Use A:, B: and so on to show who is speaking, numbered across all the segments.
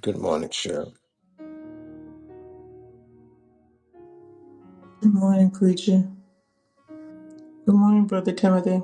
A: Good morning, Cheryl.
B: Good morning, Preacher. Good morning, Brother Timothy.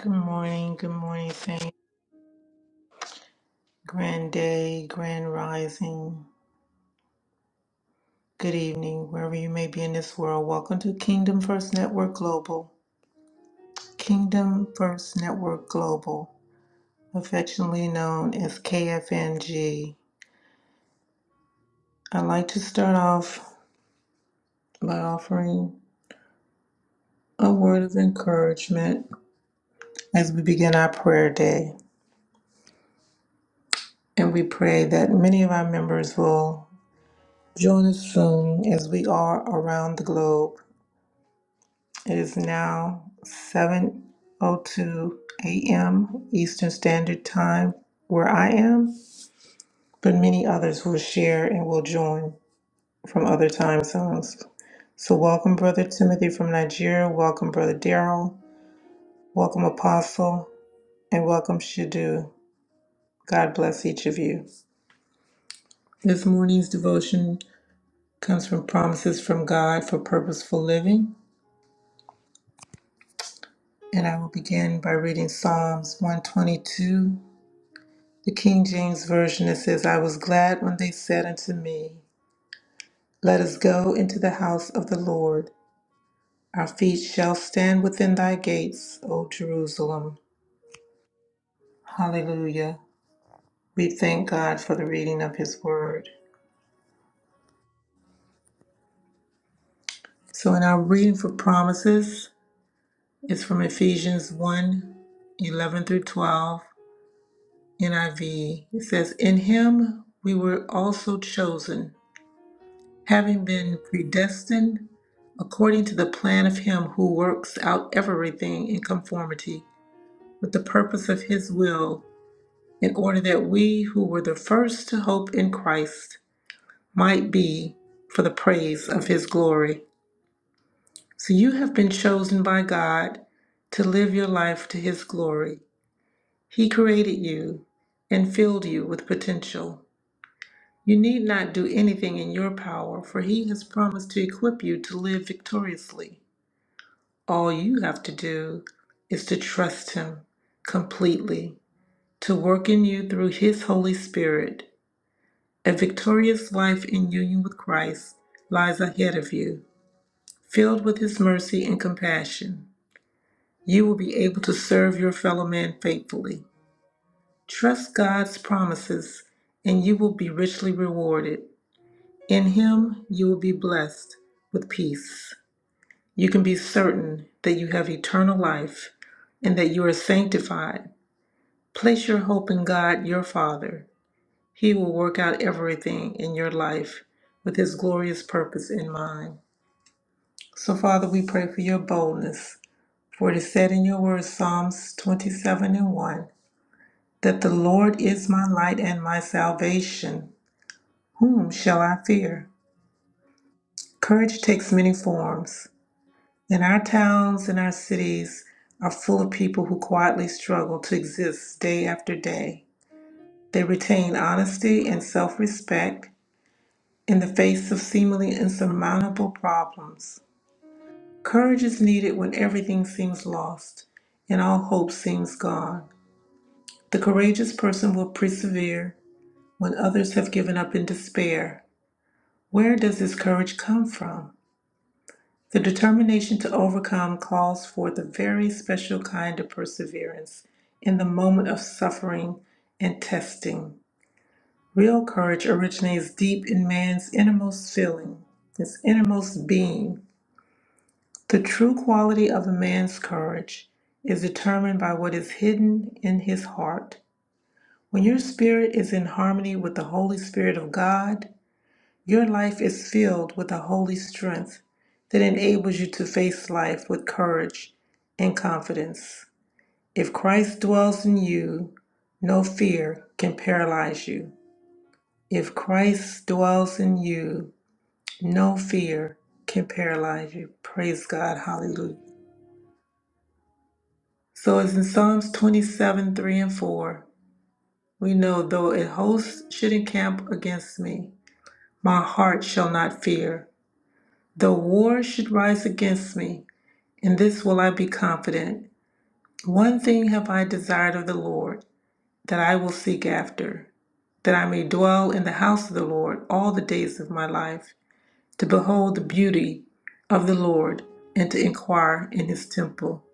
B: Good morning, good morning, Saint. Grand day, grand rising. Good evening, wherever you may be in this world. Welcome to Kingdom First Network Global. Kingdom First Network Global, affectionately known as KFNG. I'd like to start off by offering a word of encouragement as we begin our prayer day. And we pray that many of our members will Join us soon as we are around the globe. It is now 7:02 a.m. Eastern Standard Time where I am, but many others will share and will join from other time zones. So welcome brother Timothy from Nigeria, welcome brother Daryl, welcome Apostle, and welcome Shadu. God bless each of you. This morning's devotion comes from Promises from God for Purposeful Living And I will begin by reading Psalms 122. The King James Version it says, I was glad when they said unto me, Let us go into the house of the Lord. Our feet shall stand within thy gates, O Jerusalem. Hallelujah. We thank God for the reading of his word. So, in our reading for promises, it's from Ephesians 1 eleven through 12, NIV. It says, In him we were also chosen having been predestined according to the plan of Him who works out everything in conformity with the purpose of His will, in order that we who were the first to hope in Christ might be for the praise of His glory. So you have been chosen by God to live your life to His glory. He created you and filled you with potential. You need not do anything in your power, for He has promised to equip you to live victoriously. All you have to do is to trust Him completely, to work in you through His Holy Spirit. A victorious life in union with Christ lies ahead of you, filled with His mercy and compassion. You will be able to serve your fellow man faithfully. Trust God's promises, and you will be richly rewarded. In Him, you will be blessed with peace. You can be certain that you have eternal life and that you are sanctified Place your hope in God, your Father. He will work out everything in your life with His glorious purpose in mind. So, Father, we pray for your boldness. For it is said in your word, Psalms 27 and 1, that the Lord is my light and my salvation. Whom shall I fear? Courage takes many forms. And our towns and our cities are full of people who quietly struggle to exist day after day. They retain honesty and self respect in the face of seemingly insurmountable problems. Courage is needed when everything seems lost and all hope seems gone. The courageous person will persevere when others have given up in despair. Where does this courage come from? The determination to overcome calls for the very special kind of perseverance in the moment of suffering and testing. Real courage originates deep in man's innermost feeling, his innermost being, The true quality of a man's courage is determined by what is hidden in his heart. When your spirit is in harmony with the Holy Spirit of God, your life is filled with a holy strength that enables you to face life with courage and confidence. If Christ dwells in you, no fear can paralyze you. If Christ dwells in you, no fear can paralyze you. Praise God. Hallelujah. So it's in Psalms 27 3 and 4. We know, though a host should encamp against me, my heart shall not fear. Though war should rise against me, in this will I be confident. One thing have I desired of the Lord, that I will seek after, that I may dwell in the house of the Lord all the days of my life, to behold the beauty of the Lord, and to inquire in his temple.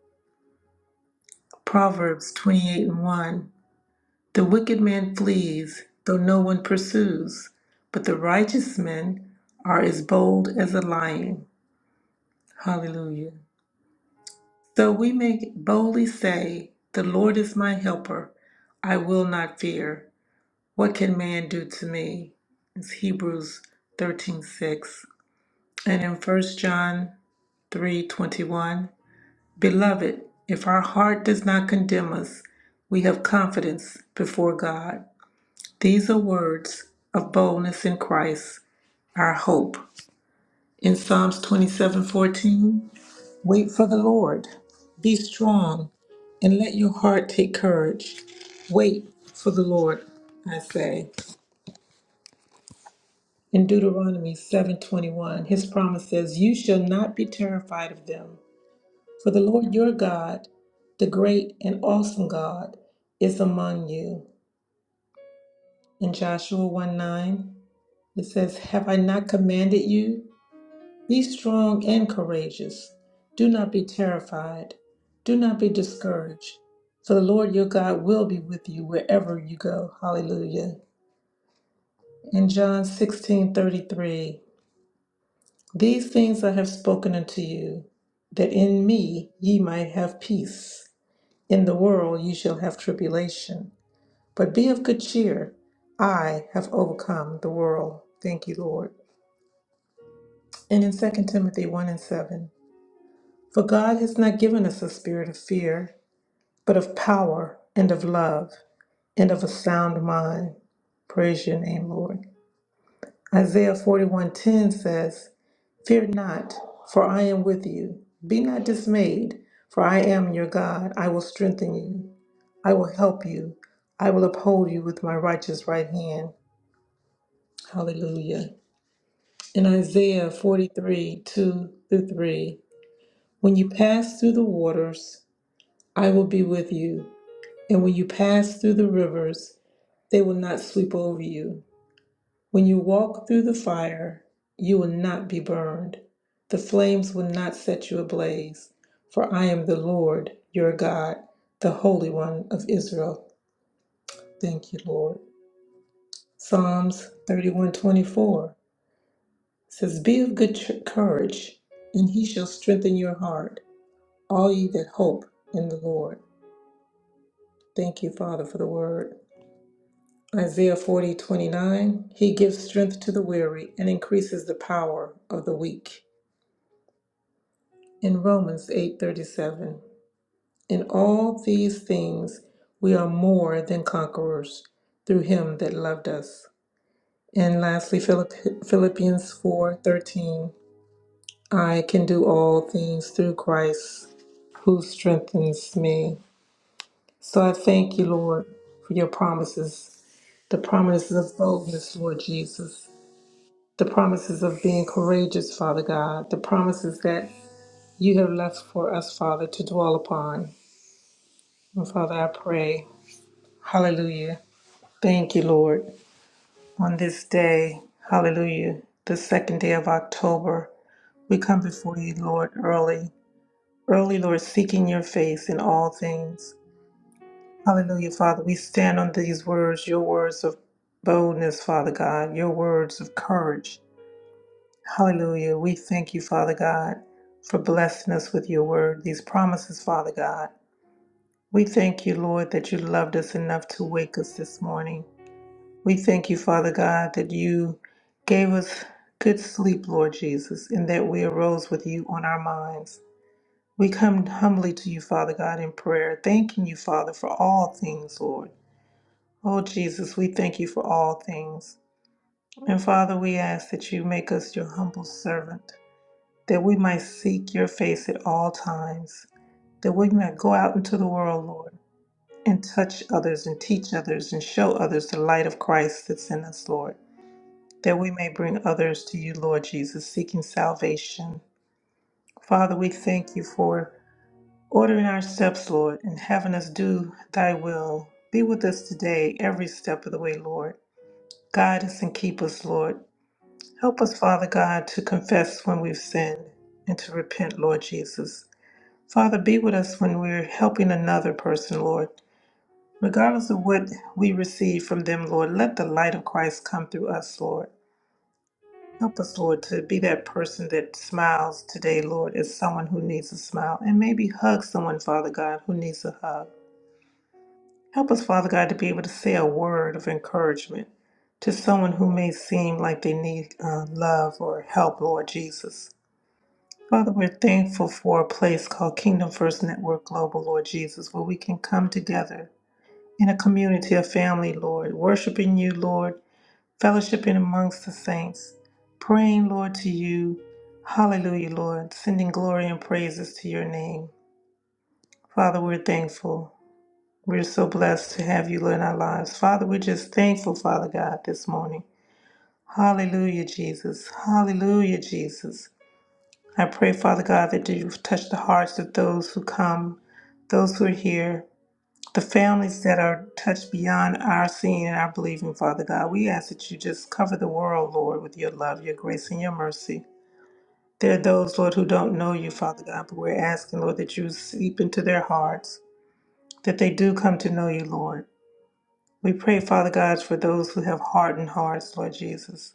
B: Proverbs 28 and 1. The wicked man flees, though no one pursues, but the righteous men are as bold as a lion. Hallelujah. So we may boldly say, The Lord is my helper. I will not fear. What can man do to me? It's Hebrews 13 6, And in 1 John three twenty First john 321 Beloved, if our heart does not condemn us, we have confidence before God. These are words of boldness in Christ, our hope. In Psalms 27:14, wait for the Lord. Be strong and let your heart take courage. Wait for the Lord, I say. In Deuteronomy 7:21, his promise says, "You shall not be terrified of them, for the Lord your God, the great and awesome God, is among you." In Joshua one nine, it says, "Have I not commanded you? Be strong and courageous. Do not be terrified. Do not be discouraged. For the Lord your God will be with you wherever you go. Hallelujah. In John 16 33, these things I have spoken unto you, that in me ye might have peace. In the world ye shall have tribulation. But be of good cheer. I have overcome the world. Thank you, Lord. And in Second Timothy 1 and 7, For God has not given us a spirit of fear, but of power and of love and of a sound mind. Praise your name, Lord. Isaiah 41:10 says, "Fear not, for I am with you. Be not dismayed, for I am your God. I will strengthen you. I will help you. I will uphold you with my righteous right hand." Hallelujah. In Isaiah 43, 2 through 3, when you pass through the waters, I will be with you. And when you pass through the rivers, they will not sweep over you. When you walk through the fire, you will not be burned. The flames will not set you ablaze. For I am the Lord your God, the Holy One of Israel. Thank you, Lord. Psalms 31:24 says, "Be of good ch- courage, and he shall strengthen your heart, all ye that hope in the Lord." Thank you, Father, for the word. Isaiah 40:29. He gives strength to the weary and increases the power of the weak. In Romans 8:37. In all these things we are more than conquerors through Him that loved us. And lastly, Philipp- Philippians 4:13. I can do all things through Christ who strengthens me. So I thank you, Lord, for your promises, the promises of boldness, Lord Jesus. the promises of being courageous, Father God, the promises that you have left for us, Father, to dwell upon. And Father, I pray, hallelujah. Thank you, Lord. On this day, hallelujah, the second day of October, we come before you, Lord, early, early, Lord, seeking your face in all things. Hallelujah, Father. We stand on these words, your words of boldness, Father God, your words of courage, Hallelujah. We thank you, Father God, for blessing us with your word, these promises, Father God. We thank you, Lord, that you loved us enough to wake us this morning. We thank you, Father God, that you gave us good sleep, Lord Jesus, and that we arose with you on our minds. We come humbly to you, Father God, in prayer, thanking you, Father, for all things, Lord. Oh, Jesus, we thank you for all things. And Father, we ask that you make us your humble servant. that we might seek your face at all times, that we might go out into the world, Lord, and touch others and teach others and show others the light of Christ that's in us, Lord, that we may bring others to you, Lord Jesus, seeking salvation. Father, we thank you for ordering our steps, Lord, and having us do thy will. Be with us today, every step of the way, Lord. Guide us and keep us, Lord. Help us, Father God, to confess when we've sinned and to repent, Lord Jesus Father, be with us when we're helping another person, Lord. Regardless of what we receive from them, Lord, let the light of Christ come through us, Lord. Help us, Lord, to be that person that smiles today, Lord, as someone who needs a smile, and maybe hug someone, Father God, who needs a hug. Help us, Father God, to be able to say a word of encouragement to someone who may seem like they need uh, love or help, Lord Jesus. Father, we're thankful for a place called Kingdom First Network Global, Lord Jesus, where we can come together in a community a family, Lord, worshiping you, Lord, fellowshipping amongst the saints, praying, Lord, to you. Hallelujah, Lord, sending glory and praises to your name. Father, we're thankful. We're so blessed to have you in our lives. Father, we're just thankful, Father God, this morning. Hallelujah, Jesus. Hallelujah, Jesus. I pray, Father God, that you touch the hearts of those who come, those who are here, the families that are touched beyond our seeing and our believing, Father God. We ask that you just cover the world, Lord, with your love, your grace, and your mercy. There are those, Lord, who don't know you, Father God, but we're asking, Lord, that you seep into their hearts, that they do come to know you, Lord. We pray, Father God, for those who have hardened hearts, Lord Jesus.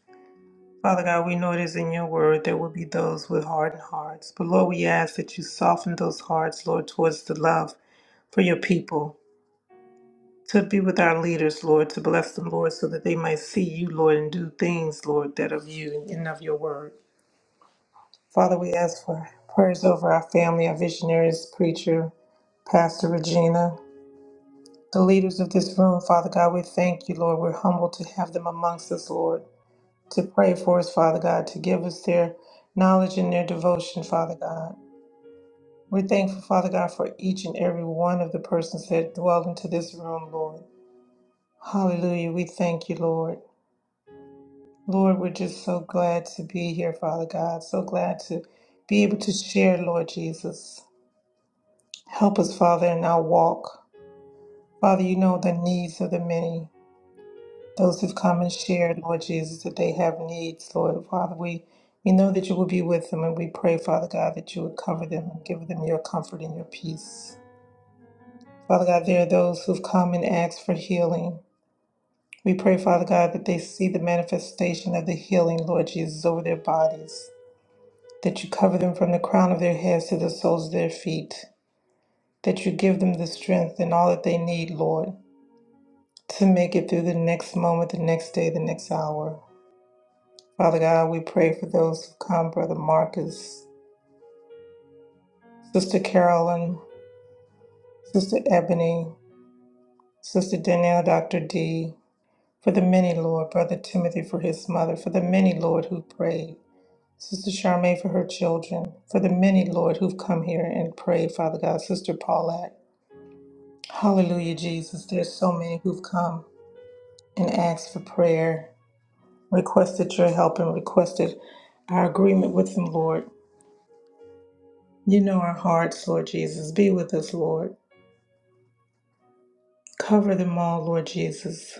B: Father God, we know it is in your word there will be those with hardened hearts. But Lord, we ask that you soften those hearts, Lord, towards the love for your people. To be with our leaders, Lord, to bless them, Lord, so that they might see you, Lord, and do things, Lord, that of you and of your word. Father, we ask for prayers over our family, our visionaries, preacher, Pastor Regina, the leaders of this room, Father God, we thank you, Lord. We're humbled to have them amongst us, Lord. to pray for us, Father God, to give us their knowledge and their devotion, Father God. We're thankful, Father God, for each and every one of the persons that dwell into this room, Lord. Hallelujah. We thank you, Lord. Lord, we're just so glad to be here, Father God. So glad to be able to share, Lord Jesus. Help us, Father, in our walk. Father, you know the needs of the many. Those who've come and shared, Lord Jesus, that they have needs, Lord Father, we we know that you will be with them, and we pray, Father God, that you would cover them and give them your comfort and your peace. Father God, there are those who've come and asked for healing. We pray, Father God, that they see the manifestation of the healing, Lord Jesus, over their bodies. That you cover them from the crown of their heads to the soles of their feet. That you give them the strength and all that they need, Lord, to make it through the next moment, the next day, the next hour. Father God, we pray for those who come, Brother Marcus, Sister Carolyn, Sister Ebony, Sister Danielle, Dr. D, for the many, Lord, Brother Timothy for his mother, for the many, Lord, who prayed, Sister Charmaine for her children, for the many, Lord, who've come here and prayed, Father God, Sister Paulette. Hallelujah, Jesus. There's so many who've come and asked for prayer, requested your help, and requested our agreement with them, Lord. You know our hearts, Lord Jesus. Be with us, Lord. Cover them all, Lord Jesus.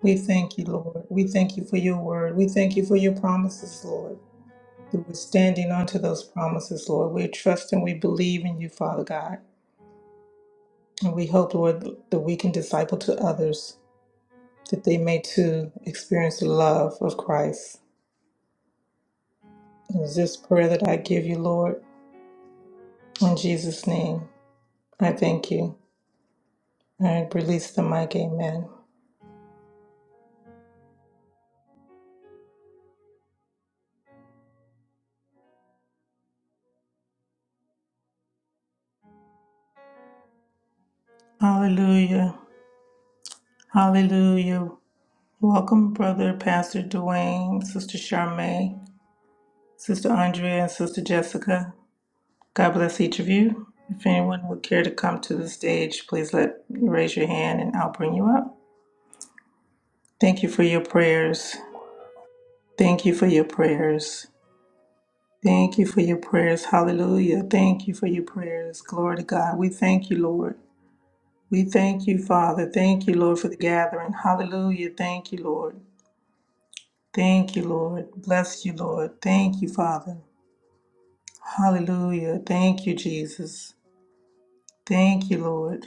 B: We thank you, Lord. We thank you for your word. We thank you for your promises, Lord. That We're standing onto those promises, Lord. We trust and we believe in you, Father God. And we hope, Lord, that we can disciple to others, that they may too experience the love of Christ. It is this prayer that I give you, Lord. In Jesus' name, I thank you. I release the mic. Amen. Hallelujah. Hallelujah. Welcome, Brother Pastor Dwayne, Sister Charmaine, Sister Andrea, and Sister Jessica. God bless each of you. If anyone would care to come to the stage, please let raise your hand and I'll bring you up. Thank you for your prayers. Thank you for your prayers. Thank you for your prayers. Hallelujah. Thank you for your prayers. Glory to God. We thank you, Lord. We thank you, Father. Thank you, Lord, for the gathering. Hallelujah. Thank you, Lord. Thank you, Lord. Bless you, Lord. Thank you, Father. Hallelujah. Thank you, Jesus. Thank you, Lord.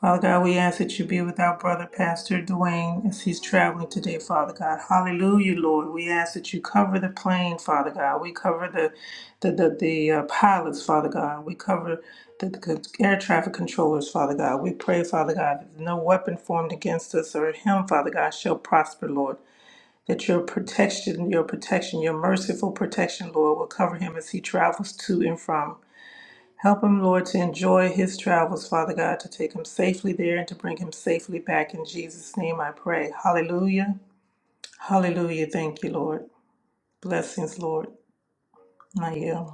B: Father God, we ask that you be with our brother, Pastor Dwayne, as he's traveling today, Father God. Hallelujah, Lord. We ask that you cover the plane, Father God. We cover the the, the, the uh, pilots, Father God. We cover the, the air traffic controllers, Father God. We pray, Father God, that no weapon formed against us or him, Father God, shall prosper, Lord. That your protection, your protection, your merciful protection, Lord, will cover him as he travels to and from. Help him, Lord, to enjoy his travels, Father God, to take him safely there and to bring him safely back. In Jesus' name I pray. Hallelujah. Hallelujah. Thank you, Lord. Blessings, Lord. I yield.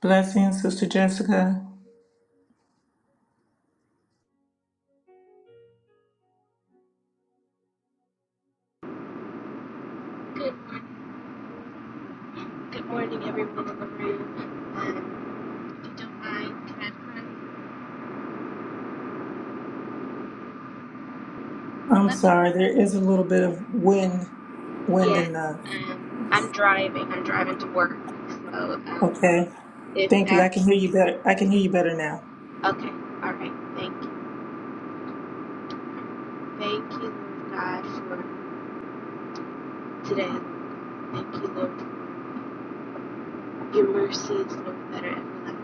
B: Blessings, Sister Jessica.
C: Good morning, good morning, everyone in the room. Um, if you don't mind, can I pray?
B: I'm
C: Let me.
B: sorry, there is a little bit of wind,
C: know.
B: wind
C: Yeah,
B: in the.
C: um, I'm driving. I'm driving to work. So um,
B: Okay.
C: if
B: Thank you.
C: that.
B: I can hear
C: will
B: you
C: be
B: better. I
C: cool.
B: can hear you better now.
C: Okay, all right. Thank you. Thank you, Lord God, for today. Thank you, Lord, for your mercies, Lord, that are everlasting.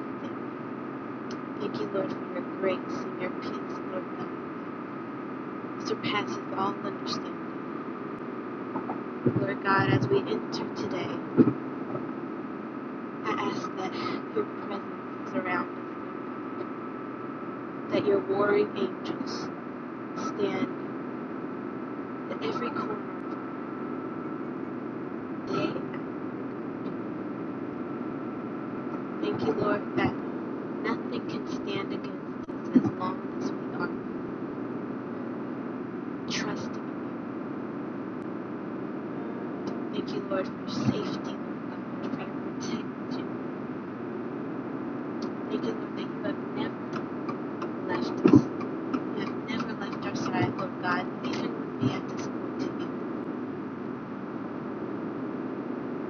C: Thank you, Lord, for your grace and your peace, Lord, that surpasses all understanding. Lord God, as we enter today. I ask that your presence surround us, that your warring angels stand at every corner of the day. I Thank you, Lord, that nothing can stand against us as long as we are trusting. Thank you, Lord, for safety, Lord for your protection. Thank you, Lord, that you have never left us. You have never left our side, Lord God, even when we have disappointed you.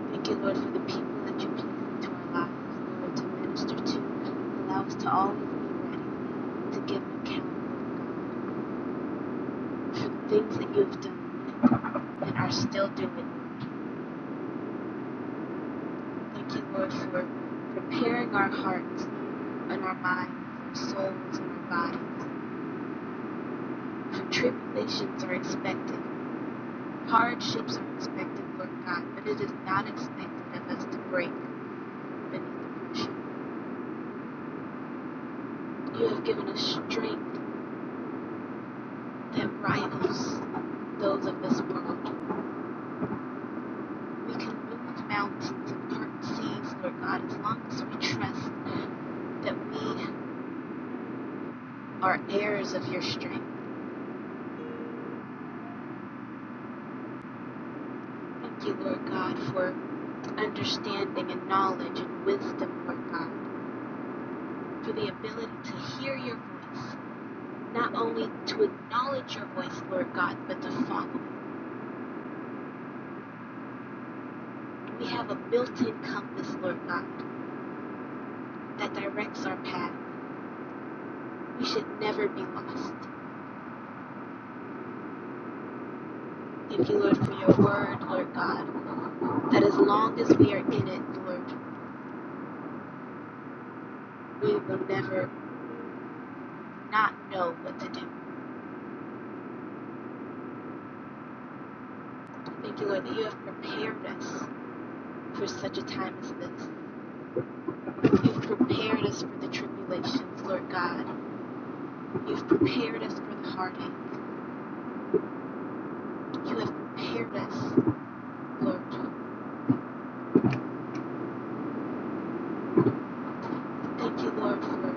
C: Thank you, Lord, for the people that you place into our lives, Lord, to minister to. Allow us to always be ready to give an account, Lord God, for the things that you have done and are still doing. Thank you, Lord, for preparing our hearts and our minds, our souls and our bodies. For tribulations are expected, hardships are expected, Lord God, but it is not expected of us to break beneath the pressure. You have given us strength that rivals those of this world. We can move mountains and part seas, Lord God, as long as we trust that we are heirs of your strength. Thank you, Lord God, for understanding and knowledge and wisdom, Lord God, for the ability to hear your voice, not only to acknowledge your voice, Lord God, but to follow We have a built in compass, Lord God, that directs our path. We should never be lost. Thank you, Lord, for your word, Lord God that as long as we are in it, Lord, we will never not know what to do. Thank you, Lord, that you have prepared us for such a time as this. You've prepared us for the tribulations, Lord God. You've prepared us for the heartache. You have prepared us, Lord. Thank you, Lord, for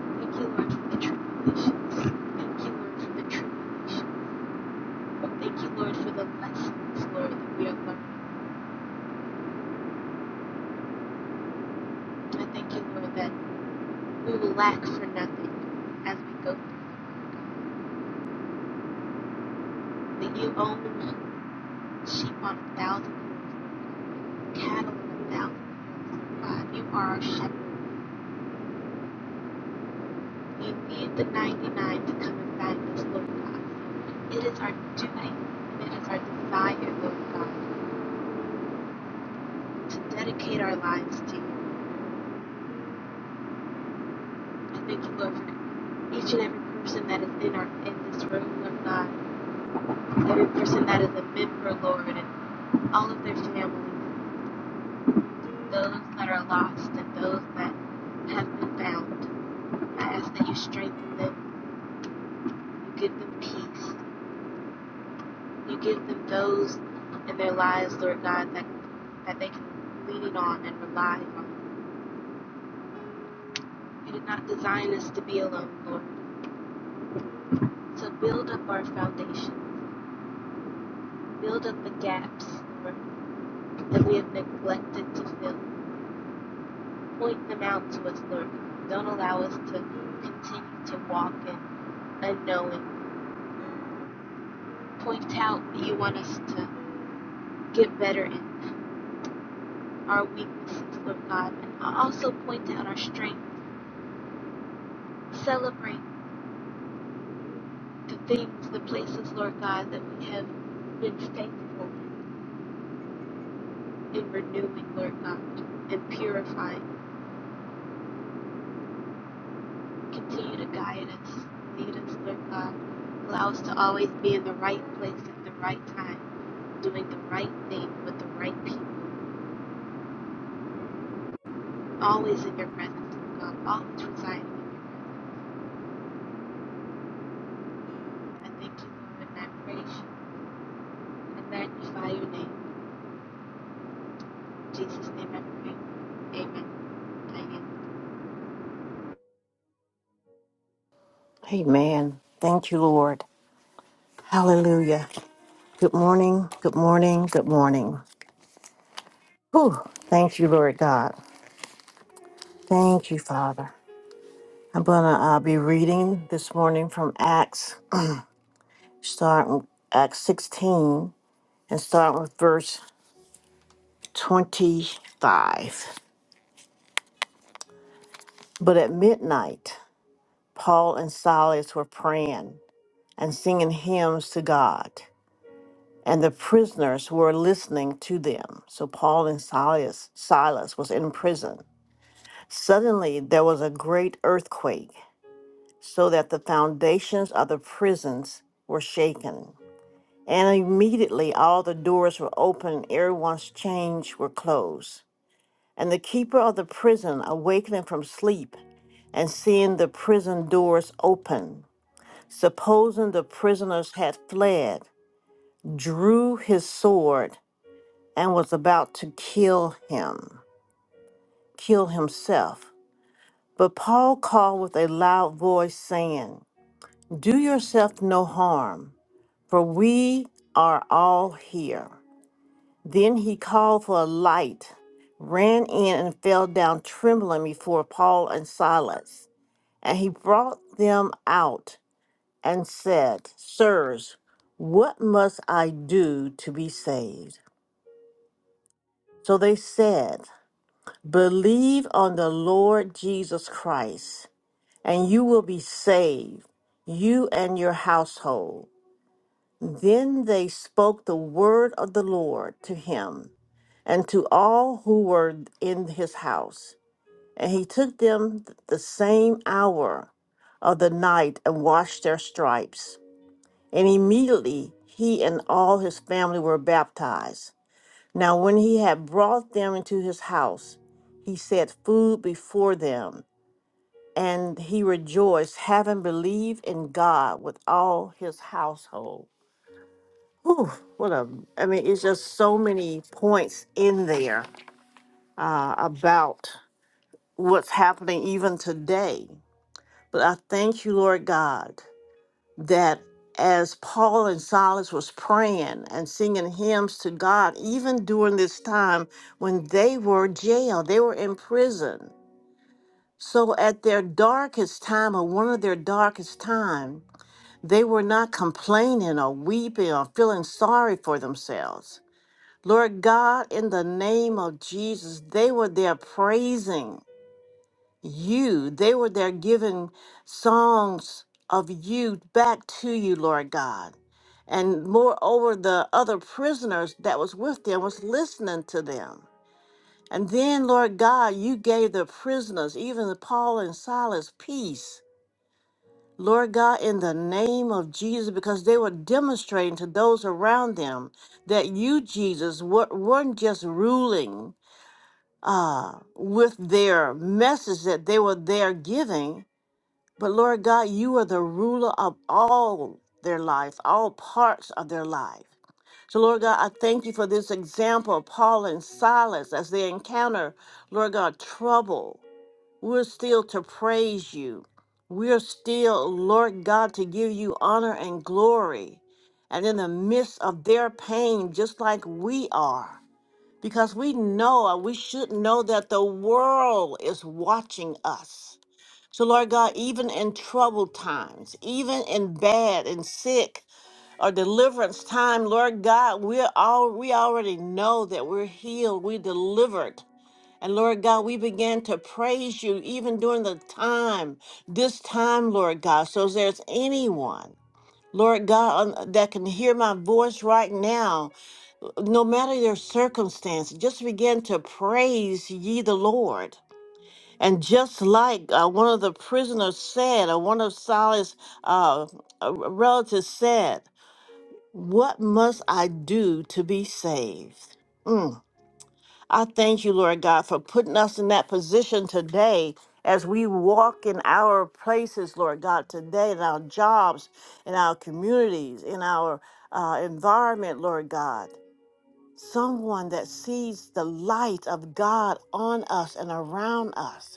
C: thank you, Lord, for the tribulations. Thank you, Lord, for the tribulations. Thank you, Lord, for the lessons, Lord, that we are learning. I thank you, Lord, that. We will lack for nothing as we go through. That you own sheep on a thousand hills, cattle on a thousand hills. God, you are our shepherd. You need the 99 to come and find us, Lord God. It is our duty, it is our desire, Lord God, to dedicate our lives to you. I thank you, Lord, for each and every person that is in our in this room, Lord God. Every person that is a member, Lord, and all of their families. those that are lost and those that have been bound. I ask that you strengthen them, you give them peace, you give them those in their lives, Lord God, that, that they can lean on and rely on. You did not design us to be alone, Lord. So build up our foundation, build up the gaps, Lord, that we have neglected to fill. Point them out to us, Lord. Don't allow us to continue to walk in unknowing. Point out that you want us to get better in our weaknesses, Lord God. And also point out our strength. Celebrate the things, the places, Lord God, that we have been faithful in renewing, Lord God, and purifying. Continue to guide us, lead us, Lord God. Allow us to always be in the right place at the right time, doing the right thing with the right people. Always in your presence, Lord God. Always residing in you. I thank you, Lord, and I praise you. and I magnify your name. In Jesus' name I pray. Amen. Amen.
D: Amen. Thank you, Lord. Hallelujah. Good morning. Good morning. Good morning. Whew. Thank you, Lord God. Thank you, Father. I'm going to uh, be reading this morning from Acts, starting with Acts 16 and start with verse 25. But at midnight, Paul and Silas were praying and singing hymns to God, and the prisoners were listening to them. So Paul and Silas, Silas was in prison. Suddenly there was a great earthquake, so that the foundations of the prisons were shaken. And immediately all the doors were open, everyone's chains were closed. And the keeper of the prison, awakening from sleep and seeing the prison doors open, supposing the prisoners had fled, drew his sword and was about to kill him, kill himself. But Paul called with a loud voice, saying, Do yourself no harm, for we are all here. Then he called for a light, ran in, and fell down trembling before Paul and Silas. And he brought them out and said, Sirs, what must I do to be saved? So they said, Believe on the Lord Jesus Christ, and you will be saved, you and your household. Then they spoke the word of the Lord to him and to all who were in his house. And he took them th- the same hour of the night and washed their stripes. And immediately he and all his family were baptized. Now, when he had brought them into his house, he set food before them, and he rejoiced, having believed in God with all his household. Whew, what a, I mean, it's just so many points in there uh, about what's happening even today. But I thank you, Lord God. that as Paul and Silas was praying and singing hymns to God, even during this time when they were jailed, they were in prison. So at their darkest time or one of their darkest time, they were not complaining or weeping or feeling sorry for themselves. Lord God, in the name of Jesus, they were there praising you. They were there giving songs of you back to you, Lord God. And moreover, the other prisoners that was with them was listening to them. And then, Lord God, you gave the prisoners, even Paul and Silas, peace. Lord God, in the name of Jesus, because they were demonstrating to those around them that you, Jesus, wa- weren't just ruling uh, with their message that they were there giving, but Lord God, you are the ruler of all their life, all parts of their life. So, Lord God, I thank you for this example of Paul and Silas as they encounter, Lord God, trouble. We're still to praise you. We're still, Lord God, to give you honor and glory. And in the midst of their pain, just like we are, because we know, or we should know that the world is watching us so, Lord God, even in troubled times, even in bad and sick or deliverance time, Lord God, we're all we already know that we're healed, we're delivered. And Lord God, we begin to praise you even during the time, this time, Lord God. So if there's anyone, Lord God, on- that can hear my voice right now, no matter their circumstance, just begin to praise ye the Lord. And just like uh, one of the prisoners said, or one of Silas' uh, uh, relatives said, What must I do to be saved? Mm. I thank you, Lord God, for putting us in that position today as we walk in our places, Lord God, today, in our jobs, in our communities, in our uh, environment, Lord God. Someone that sees the light of God on us and around us.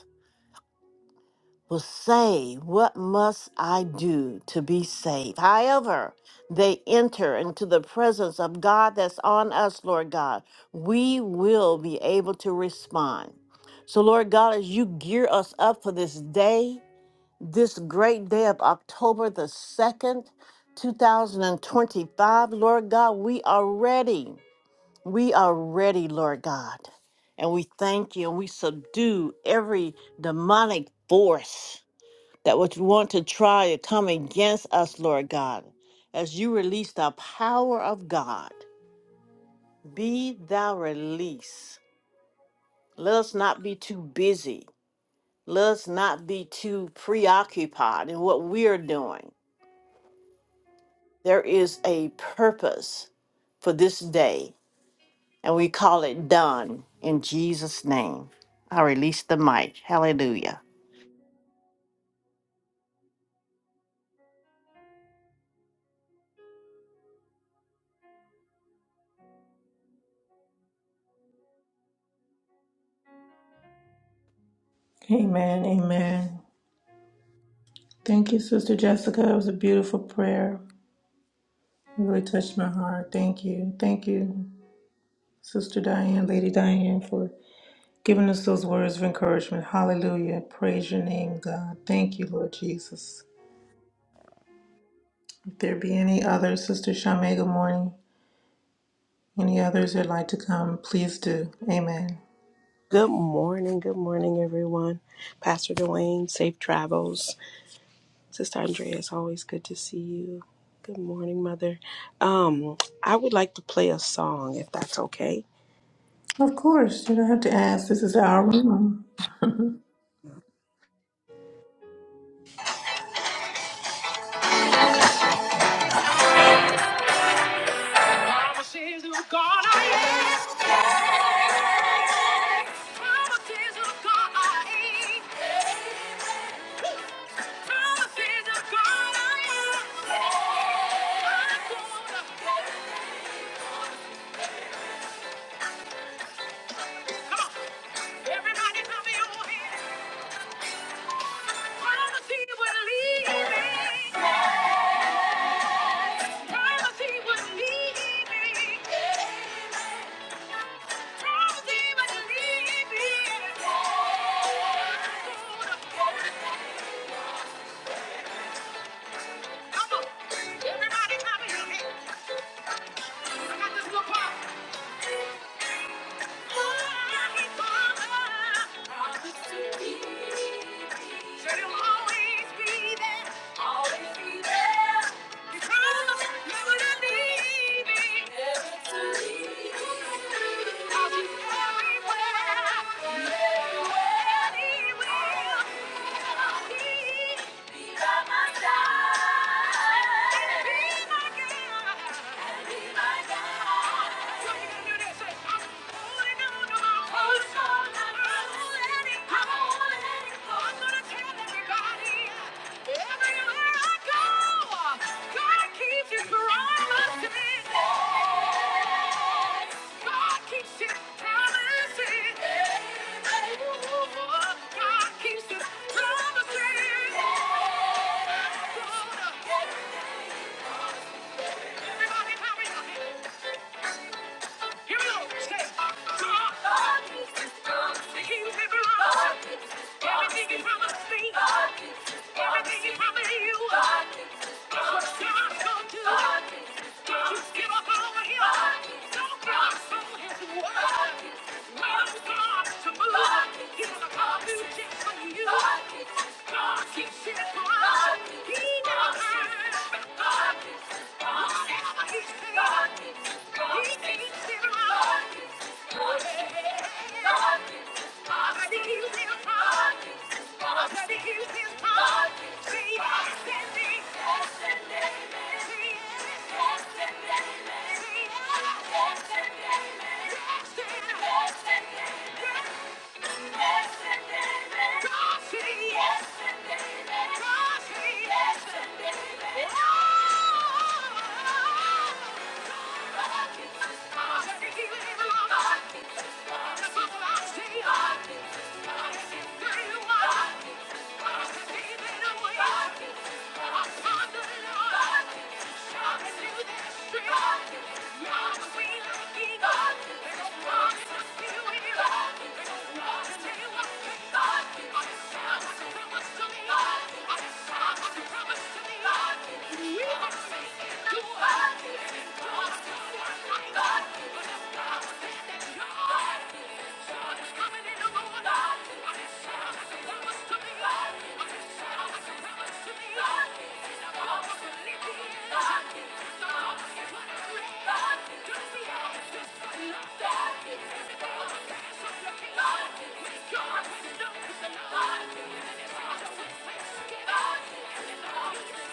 D: was saved, what must I do to be saved? However, they enter into the presence of God that's on us, Lord God, we will be able to respond. So, Lord God, as you gear us up for this day, this great day of October the 2nd, 2025, Lord God, we are ready. We are ready, Lord God. And we thank you and we subdue every demonic force that would want to try to come against us, Lord God, as you release the power of God. Be thou released. Let us not be too busy. Let us not be too preoccupied in what we are doing. There is a purpose for this day, and we call it done in Jesus' name. I release the mic. Hallelujah.
B: Amen. Amen. Thank you, Sister Jessica. It was a beautiful prayer. It Really touched my heart. Thank you. Thank you. Sister Diane, Lady Diane, for giving us those words of encouragement. Hallelujah. Praise your name, God. Thank you, Lord Jesus. If there be any others, Sister Shamay, good morning. Any others that'd like to come, please do. Amen.
E: Good morning, good morning, everyone. Pastor Dwayne, safe travels. Sister Andrea, it's always good to see you. Good morning, Mother. Um, I would like to play a song, if that's okay.
B: Of course, you don't have to ask. This is our room.
E: Promises of God I am. Promises of God I am. Promises of God I am. I'm gonna- Come on, everybody, clap your hands. Promise he will lead me. Promise he would lead me. Promise he would lead me. Come on. Everybody clap your hands. I got this little part. Holy Father, promise to lead me. Said he'll always be there. Always be there. Never to leave me. Cause everywhere. Everywhere he will be. Be my side. be my God. And be my God. So you can do this. Say, I'm holding on. Everybody, hurry up! Here we go. God, keeps his Everything he promises. promised me. Everything he promises. promised you. what God's gonna do. God keeps his Don't you Don't give up on his word. God keeps God to move. He's his to do promises. just for you. God keeps his He never promises. God keeps his God Yes, and amen. God, I just promise to me. I just promise to me. God,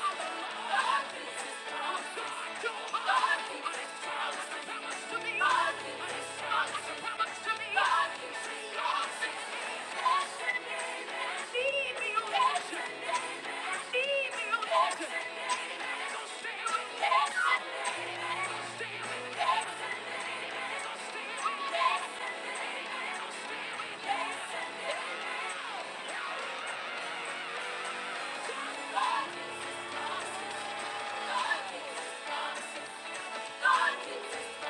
E: Yes. God, God, give me strength.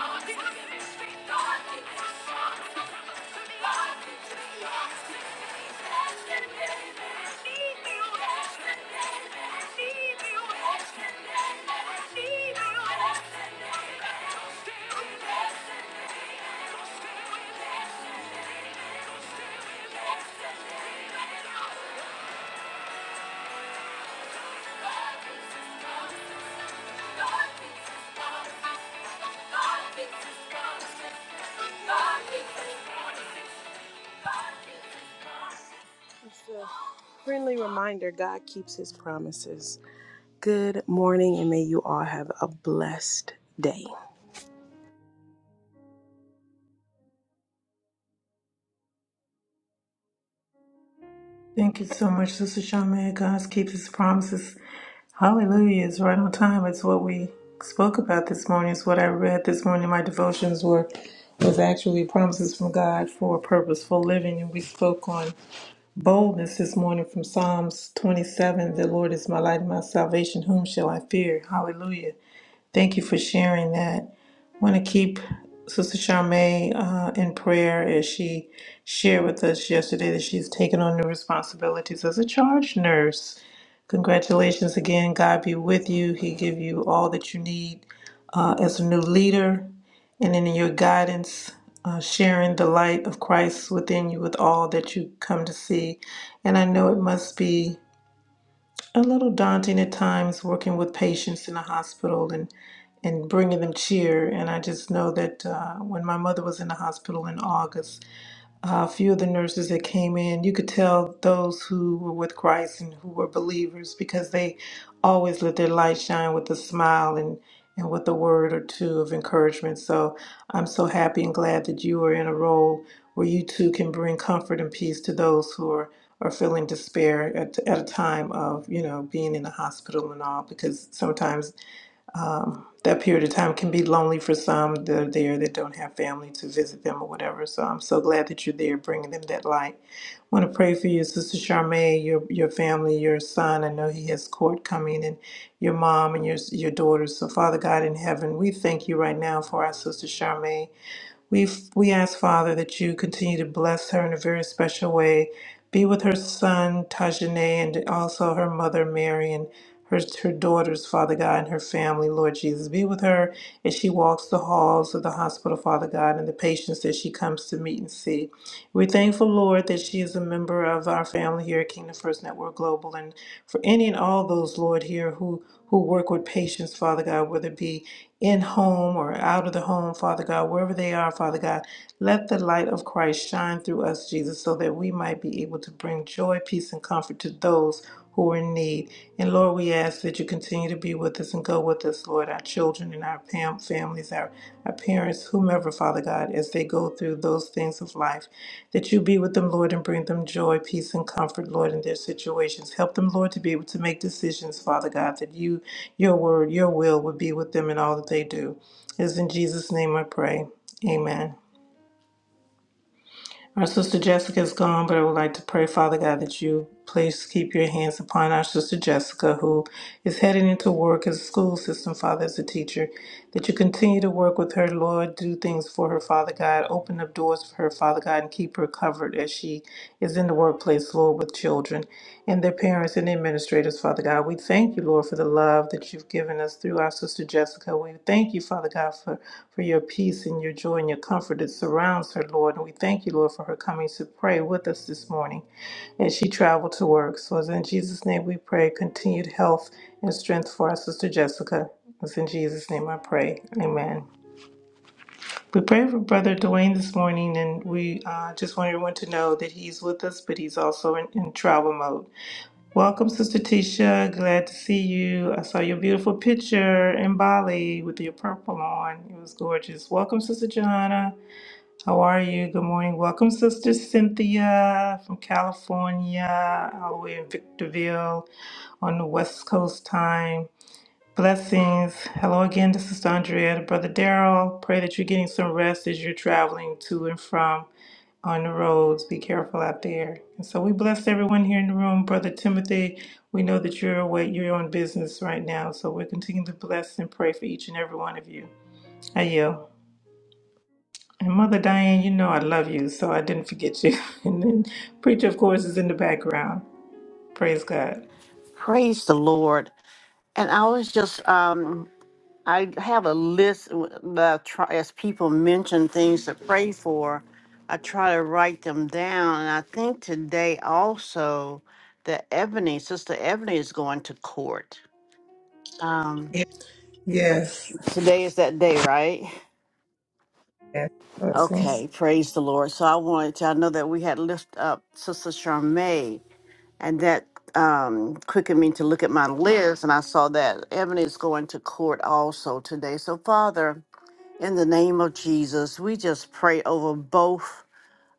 E: God, give me Thank you. Friendly reminder God keeps his promises. Good morning, and may you all have a blessed day.
B: Thank you so much, Sister Charmaine. God keeps his promises. Hallelujah. It's right on time. It's what we spoke about this morning. It's what I read this morning. My devotions were was actually promises from God for purposeful living. And we spoke on boldness this morning from Psalms 27. The Lord is my light and my salvation. Whom shall I fear? Hallelujah. Thank you for sharing that want to keep Sister Charmaine uh, in prayer as she shared with us yesterday that she's taken on new responsibilities as a charge nurse. Congratulations again. God be with you. He give you all that you need uh, as a new leader, and in your guidance, uh, sharing the light of Christ within you with all that you come to see. And I know it must be a little daunting at times working with patients in a hospital and and bringing them cheer. And I just know that uh, when my mother was in the hospital in August, a few of the nurses that came in, you could tell those who were with Christ and who were believers because they always let their light shine with a smile and, and with a word or two of encouragement. So I'm so happy and glad that you are in a role where you too can bring comfort and peace to those who are, are feeling despair at, at a time of, you know, being in a hospital and all, because sometimes um, that period of time can be lonely for some they are there that don't have family to visit them or whatever. So I'm so glad that you're there bringing them that light. want to pray for you, Sister Charmaine, your, your family, your son. I know he has court coming, and your mom and your, your daughters. So, Father God in heaven, we thank you right now for our Sister Charmaine. We, we ask, Father, that you continue to bless her in a very special way. Be with her son, Tajane, and also her mother, Mary, and her, her daughters, Father God, and her family, Lord Jesus. Be with her as she walks the halls of the hospital, Father God, and the patients that she comes to meet and see. We're thankful, Lord, that she is a member of our family here at Kingdom First Network Global, and for any and all those, Lord, here who who work with patients, Father God, whether it be in home or out of the home, Father God, wherever they are, Father God, let the light of Christ shine through us, Jesus, so that we might be able to bring joy, peace, and comfort to those who are in need. And Lord, we ask that you continue to be with us and go with us, Lord, our children and our fam- families, our, our parents, whomever, Father God, as they go through those things of life. That you be with them, Lord, and bring them joy, peace, and comfort, Lord, in their situations. Help them, Lord, to be able to make decisions, Father God, that you, your word, your will would be with them in all that they do. It is in Jesus' name I pray. Amen. Our sister Jessica is gone, but I would like to pray, Father God, that you please keep your hands upon our sister Jessica, who is heading into work as a school system, Father, as a teacher. That you continue to work with her, Lord, do things for her, Father God, open up doors for her, Father God, and keep her covered as she is in the workplace, Lord, with children and their parents and administrators, Father God. We thank you, Lord, for the love that you've given us through our sister Jessica. We thank you, Father God, for, for your peace and your joy and your comfort that surrounds her, Lord. And we thank you, Lord, for her coming to pray with us this morning as she traveled to work. So it's in Jesus' name we pray continued health and strength for our sister Jessica. It's in Jesus' name I pray. Amen. We pray for Brother Dwayne this morning, and we uh, just want everyone to know that he's with us, but he's also in, in travel mode. Welcome, Sister Tisha. Glad to see you. I saw your beautiful picture in Bali with your purple on. It was gorgeous. Welcome, Sister Johanna. How are you? Good morning. Welcome, Sister Cynthia from California, all the way in Victorville on the West Coast time. Blessings. Hello again to Sister Andrea, to Brother Daryl. Pray that you're getting some rest as you're traveling to and from on the roads. Be careful out there. And so we bless everyone here in the room. Brother Timothy, we know that you're away, you're on business right now. So we're continuing to bless and pray for each and every one of you. I yield. And Mother Diane, you know I love you, so I didn't forget you. And then Preacher, of course, is in the background. Praise God.
D: Praise the Lord. And I was just um, I have a list that I try, as people mention things to pray for, I try to write them down. And I think today also that Ebony, Sister Ebony, is going to court. Um, Yeah.
B: Yes.
D: today is that day, right?
B: Yes. Blessings.
D: Okay, praise the Lord. So I wanted to, I know that we had lift up Sister Charmaine, and that um, quickened me to look at my list, and I saw that Ebony is going to court also today. So, Father, In the name of Jesus, we just pray over both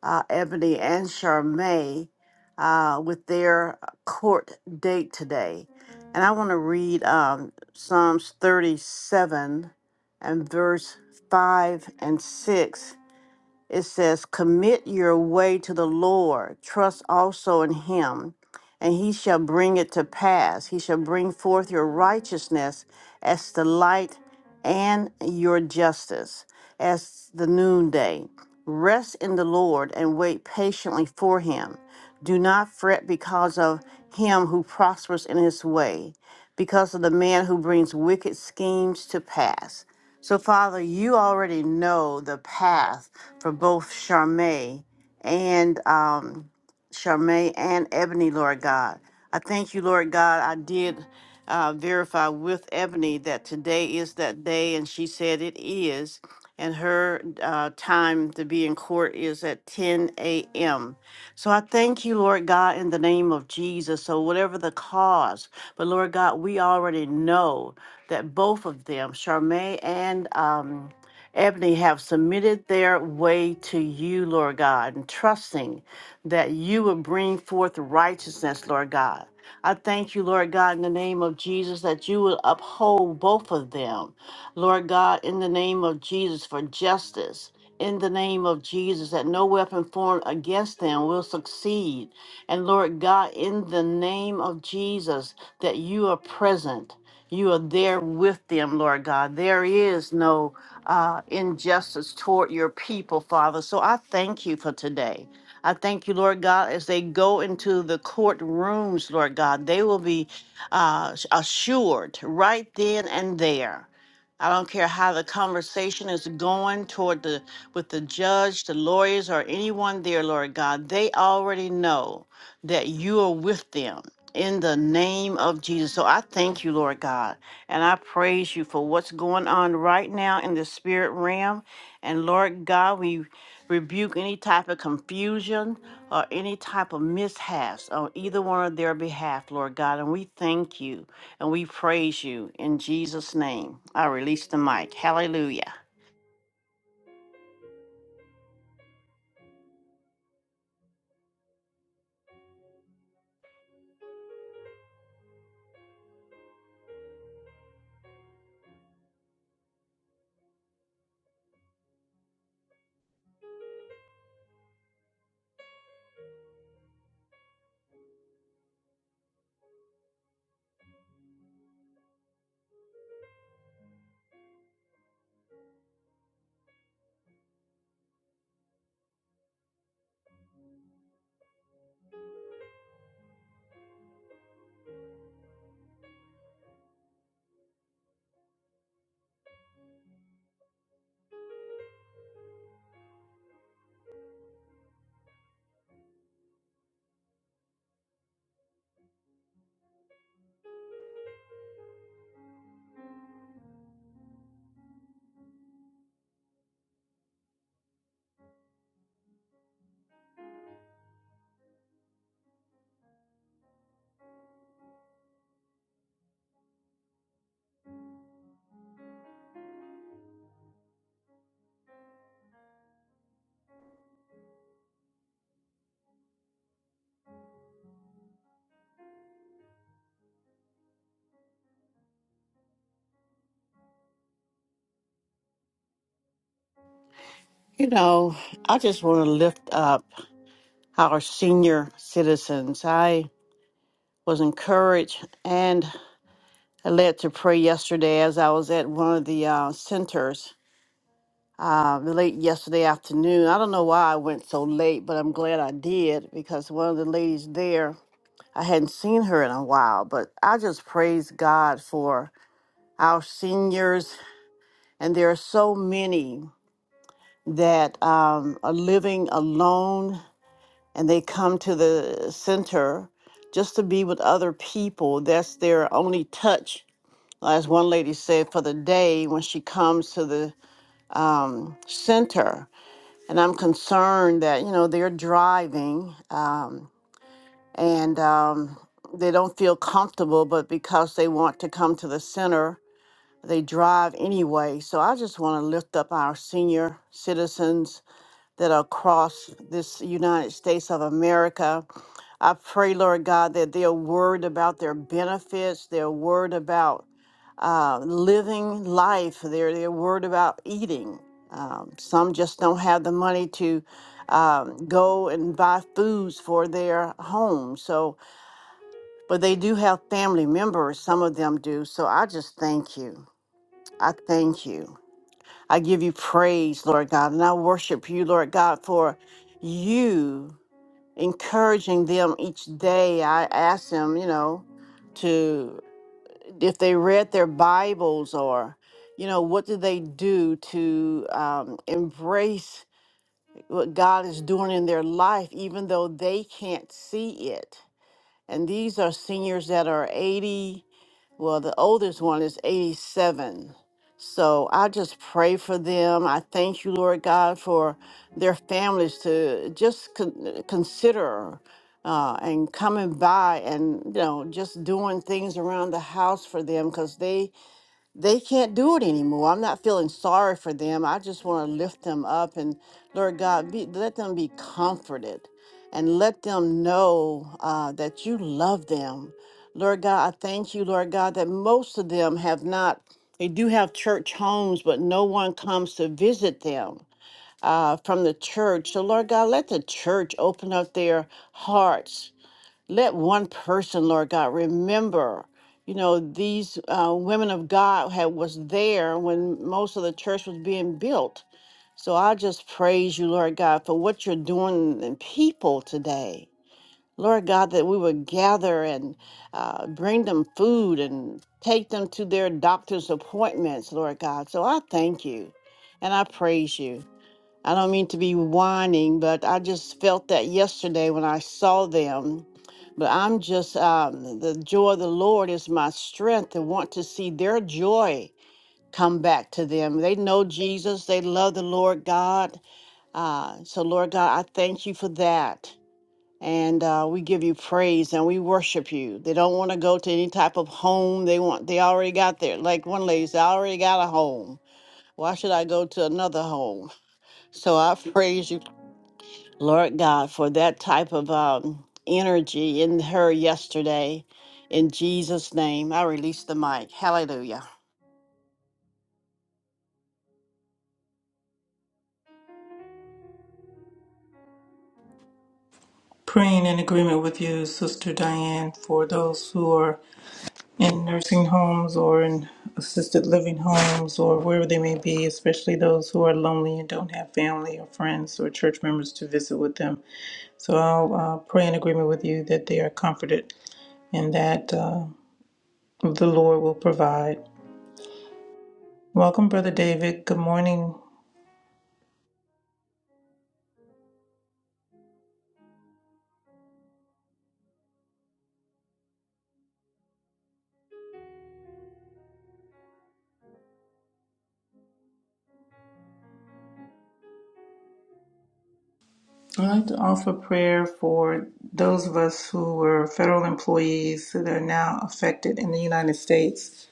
D: uh, Ebony and Charmaine uh, with their court date today. And I want to read um, Psalms 37 and verse 5 and 6 it says, Commit your way to the Lord, trust also in him, and he shall bring it to pass. He shall bring forth your righteousness as the light and your justice as the noonday. Rest in the Lord and wait patiently for him. Do not fret because of him who prospers in his way, because of the man who brings wicked schemes to pass. So, Father, you already know the path for both Charmaine and um, Charmaine and Ebony, Lord God. I thank you, Lord God. I did uh, verify with Ebony that today is that day, and she said it is. And her uh, time to be in court is at 10 a.m. So I thank you, Lord God, in the name of Jesus. So, whatever the cause, but Lord God, we already know that both of them, Charmaine and um, Ebony, have submitted their way to you, Lord God, and trusting that you will bring forth righteousness, Lord God. I thank you, Lord God, in the name of Jesus, that you will uphold both of them, Lord God, in the name of Jesus, for justice. In the name of Jesus, that no weapon formed against them will succeed. And Lord God, in the name of Jesus, that you are present. You are there with them, Lord God. There is no uh, injustice toward your people, Father. So I thank you for today. I thank you, Lord God, as they go into the courtrooms, Lord God, they will be uh, assured right then and there. I don't care how the conversation is going toward the with the judge, the lawyers, or anyone there, Lord God. They already know that you are with them in the name of Jesus. So I thank you, Lord God, and I praise you for what's going on right now in the spirit realm. And Lord God, we rebuke any type of confusion or any type of mishaps on either one of their behalf, Lord God. And we thank you and we praise you in Jesus' name. I release the mic. Hallelujah. You know, I just want to lift up our senior citizens. I was encouraged and I led to pray yesterday as I was at one of the uh, centers uh, late yesterday afternoon. I don't know why I went so late, but I'm glad I did because one of the ladies there, I hadn't seen her in a while, but I just praise God for our seniors. And there are so many that um, are living alone and they come to the center just to be with other people. That's their only touch as one lady said, for the day when she comes to the um, center. And I'm concerned that, you know, they're driving um, and um, they don't feel comfortable, but because they want to come to the center, they drive anyway. So I just want to lift up our senior citizens that are across this United States of America. I pray, Lord God, that they're worried about their benefits, they're worried about uh, living life, they're, they're worried about eating. Um, some just don't have the money to um, go and buy foods for their home. So, but they do have family members, some of them do. So I just thank you. I thank you. I give you praise, Lord God, and I worship you, Lord God, for you encouraging them each day. I ask them, you know, to if they read their Bibles or, you know, what do they do to um, embrace what God is doing in their life, even though they can't see it. And these are seniors that are 80. Well, the oldest one is 87. So I just pray for them. I thank you, Lord God, for their families to just con- consider uh, and coming by and, you know, just doing things around the house for them because they they can't do it anymore. I'm not feeling sorry for them. I just want to lift them up and Lord God, be, let them be comforted and let them know uh, that you love them. Lord God, I thank you, Lord God, that most of them have not, they do have church homes, but no one comes to visit them uh, from the church. So, Lord God, let the church open up their hearts let one person, Lord God, remember, you know, these uh, women of God had was there when most of the church was being built. So I just praise you, Lord God, for what you're doing in people today. Lord God, that we would gather and uh, bring them food and take them to their doctor's appointments, Lord God. So I thank you and I praise you. I don't mean to be whining, but I just felt that yesterday when I saw them. But I'm just, um, the joy of the Lord is my strength and want to see their joy come back to them. They know Jesus, they love the Lord God. Uh, so, Lord God, I thank you for that. And uh, we give you praise and we worship you. They don't want to go to any type of home. They want, they already got there. Like one lady said, I already got a home. Why should I go to another home? So I praise you Lord God, for that type of um, energy in her yesterday. In Jesus' name, I release the mic. Hallelujah.
B: Praying in agreement with you, Sister Diane, for those who are in nursing homes or in assisted living homes or wherever they may be, especially those who are lonely and don't have family or friends or church members to visit with them. So I'll uh, pray in agreement with you that they are comforted and that uh, the Lord will provide. Welcome, Brother David. Good morning. I'd like to offer prayer for those of us who were federal employees that are now affected in the United States.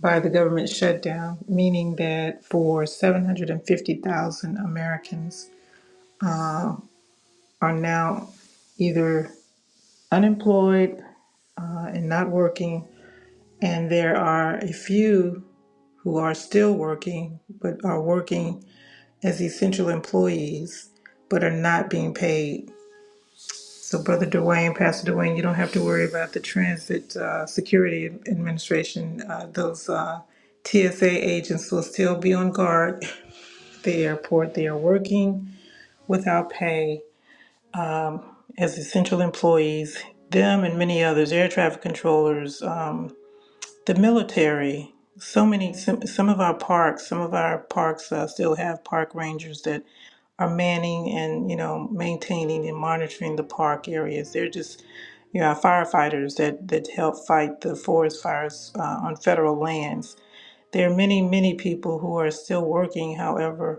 B: by the government shutdown, meaning that for 750,000 Americans are now either unemployed uh, and not working, and there are a few who are still working but are working as essential employees but are not being paid. So, Brother Dwayne, Pastor Dwayne, you don't have to worry about the Transit uh, Security Administration. Uh, those uh, TSA agents will still be on guard the airport. They are working without pay as essential employees. Them and many others, air traffic controllers, um, the military. So many, some, some of our parks, some of our parks uh, still have park rangers that are manning and you know maintaining and monitoring the park areas. They're just, you know, our firefighters that that help fight the forest fires uh, on federal lands. There are many, many people who are still working, however,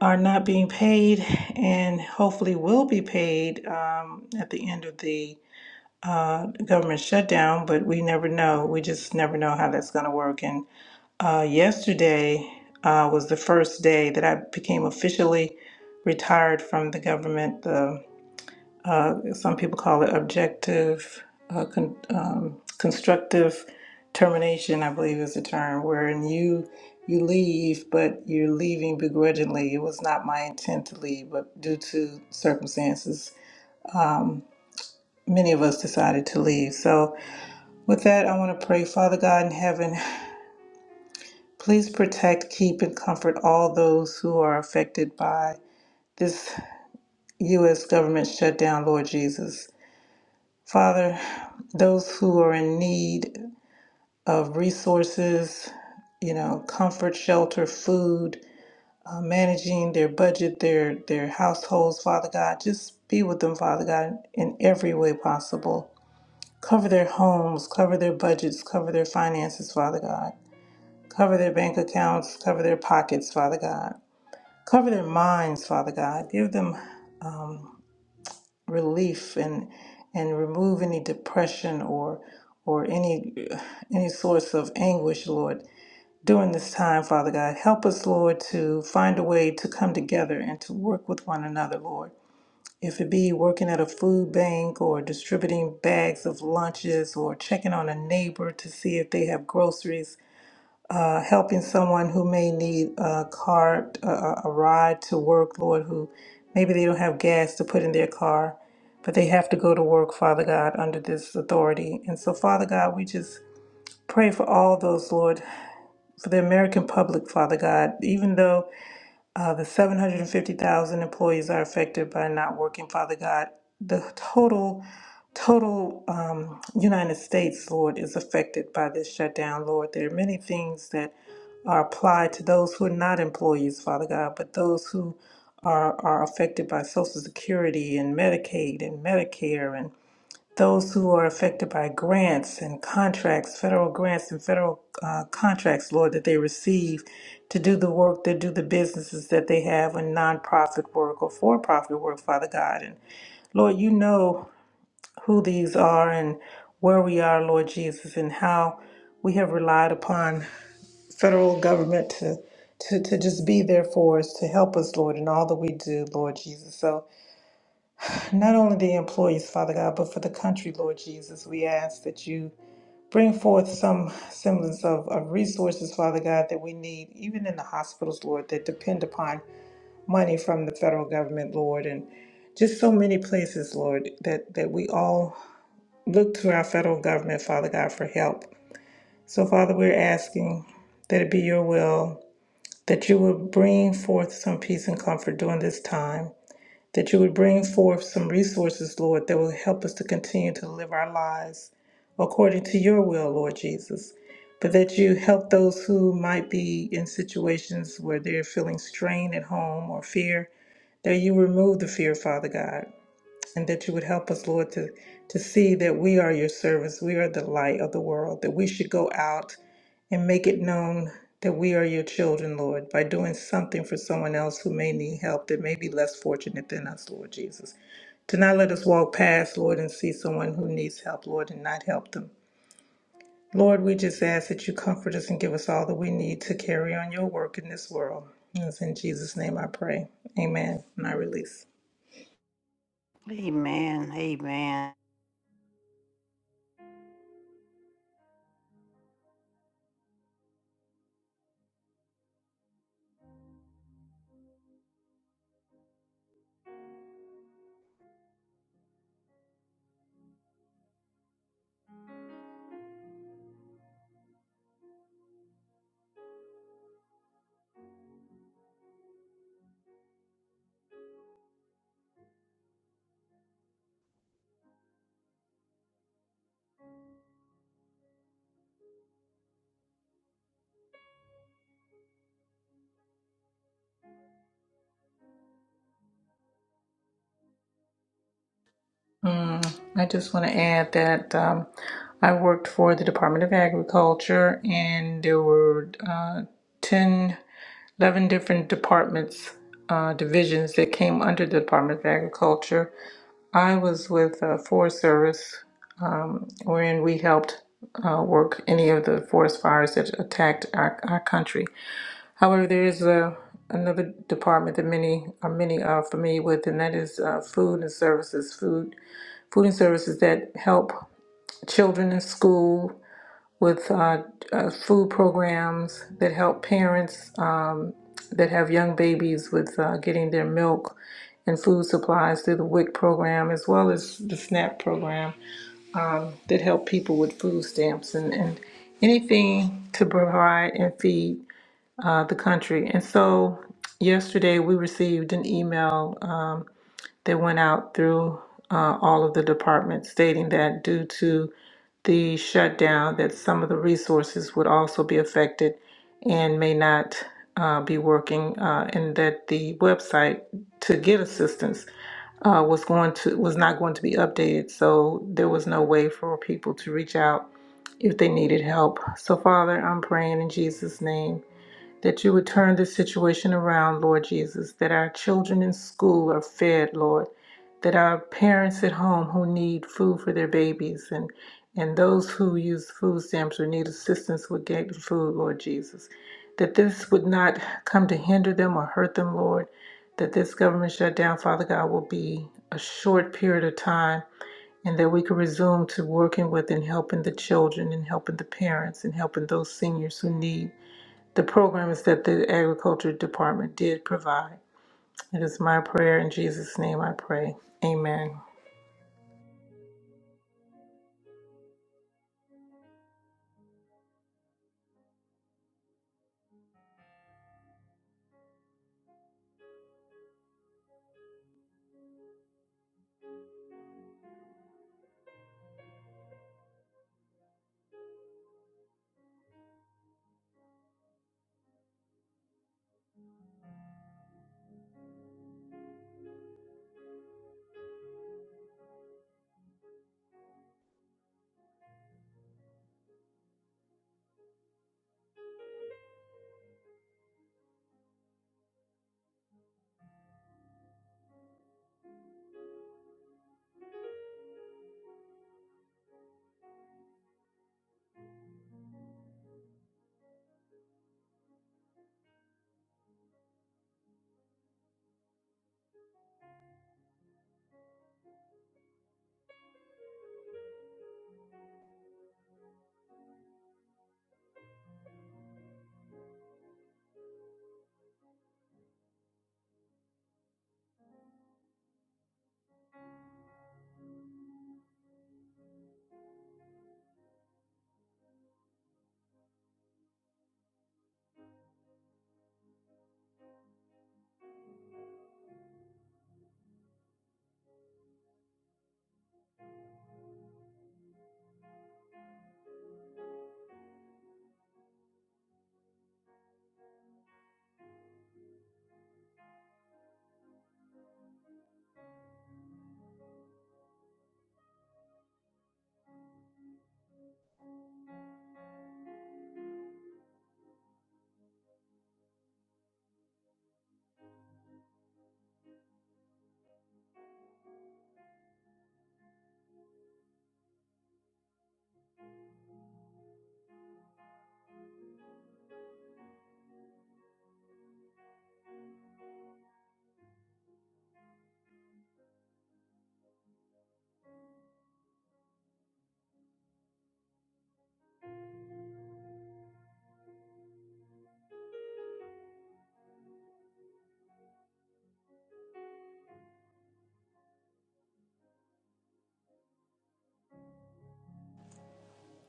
B: are not being paid and hopefully will be paid um, at the end of the uh, government shutdown, but we never know. We just never know how that's going to work. And uh, yesterday uh, was the first day that I became officially retired from the government. The uh, some people call it objective, uh, con- um, constructive termination, I believe is the term, wherein you you leave, but you're leaving begrudgingly. It was not my intent to leave, but due to circumstances, many of us decided to leave. So, with that, I want to pray, Father God in heaven, please protect, keep, and comfort all those who are affected by this U.S. government shutdown, Lord Jesus. Father, those who are in need. of resources, you know, comfort, shelter, food, uh, managing their budget, their their households, Father God. Just be with them, Father God, in every way possible. Cover their homes, cover their budgets, cover their finances, Father God. Cover their bank accounts, cover their pockets, Father God. Cover their minds, Father God. Give them um, relief and and remove any depression or or any any source of anguish, Lord during this time, Father God. Help us, Lord, to find a way to come together and to work with one another, Lord. If it be working at a food bank or distributing bags of lunches or checking on a neighbor to see if they have groceries, uh, helping someone who may need a car, a, a ride to work, Lord, who maybe they don't have gas to put in their car, but they have to go to work, Father God, under this authority. And so, Father God, we just pray for all those, Lord for the American public, Father God, even though uh, the 750,000 employees are affected by not working, Father God, the total, total um, United States, Lord, is affected by this shutdown, Lord. There are many things that are applied to those who are not employees, Father God, but those who are, are affected by Social Security and Medicaid and Medicare and those who are affected by grants and contracts, federal grants and federal uh, contracts, Lord, that they receive to do the work, to do the businesses that they have and nonprofit work or for profit work, Father God. And Lord, you know who these are and where we are, Lord Jesus, and how we have relied upon federal government to. To, to just be there for us, to help us, Lord, in all that we do, Lord Jesus. So, not only the employees, Father God, but for the country, Lord Jesus, we ask that you Bring forth some semblance of, of resources, Father God, that we need, even in the hospitals, Lord, that depend upon money from the federal government, Lord, and just so many places, Lord, that, that we all look to our federal government, Father God, for help. So, Father, we're asking that it be your will that you will bring forth some peace and comfort during this time that you would bring forth some resources, Lord, that will help us to continue to live our lives according to your will, Lord Jesus. But that you help those who might be in situations where they're feeling strain at home or fear, that you remove the fear, Father God and that you would help us, Lord, to, to see that we are your servants. We are the light of the world, that we should go out and make it known that we are your children, Lord, by doing something for someone else who may need help that may be less fortunate than us, Lord Jesus. To not let us walk past, Lord, and see someone who needs help, Lord, and not help them. Lord, we just ask that you comfort us and give us all that we need to carry on your work in this world. And it's in Jesus' name I pray. Amen. And I release.
D: Amen. Amen.
B: Mm, I just want to add that um, I worked for the Department of Agriculture, and there were uh, 10, eleven different departments, uh, divisions that came under the Department of Agriculture. I was with uh, Forest Service, um, wherein we helped uh, work any of the forest fires that attacked our, our country. However, there is a another department that many are many are familiar with, and that is uh, food and services, food food and services that help children in school with uh, uh, food programs that help parents um, that have young babies with uh, getting their milk and food supplies through the WIC program, as well as the SNAP program that help people with food stamps and, and anything to provide and feed uh, the country. And so yesterday we received an email um, that went out through uh, all of the departments stating that due to the shutdown that some of the resources would also be affected and may not uh, be working, uh, and that the website to get assistance uh, was going to was not going to be updated, so there was no way for people to reach out if they needed help. So, Father, I'm praying in Jesus' name that you would turn this situation around, Lord Jesus, that our children in school are fed, Lord, that our parents at home who need food for their babies and and those who use food stamps or need assistance with getting food, Lord Jesus, that this would not come to hinder them or hurt them, Lord, that this government shutdown, Father God, will be a short period of time and that we could resume to working with and helping the children and helping the parents and helping those seniors who need the programs that the Agriculture Department did provide. It is my prayer in Jesus' name I pray. Amen.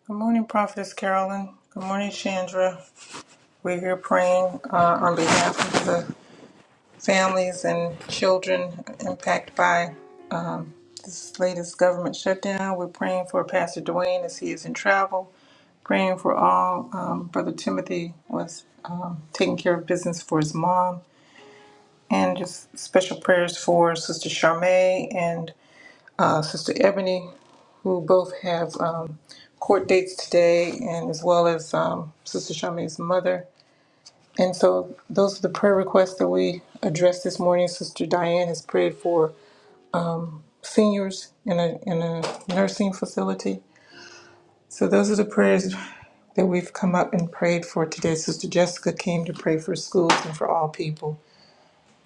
B: Good morning, Prophetess Carolyn. Good morning, Chandra. We're here praying uh, on behalf of the families and children impacted by um, this latest government shutdown. We're praying for Pastor Dwayne as he is in travel, praying for all. Um, Brother Timothy was um, taking care of business for his mom and just special prayers for Sister Charmaine and uh, Sister Ebony, who both have um, court dates today, and as well as um, Sister Charmaine's mother. And so, those are the prayer requests that we addressed this morning. Sister Diane has prayed for seniors in a in a nursing facility. So those are the prayers that we've come up and prayed for today. Sister Jessica came to pray for schools and for all people.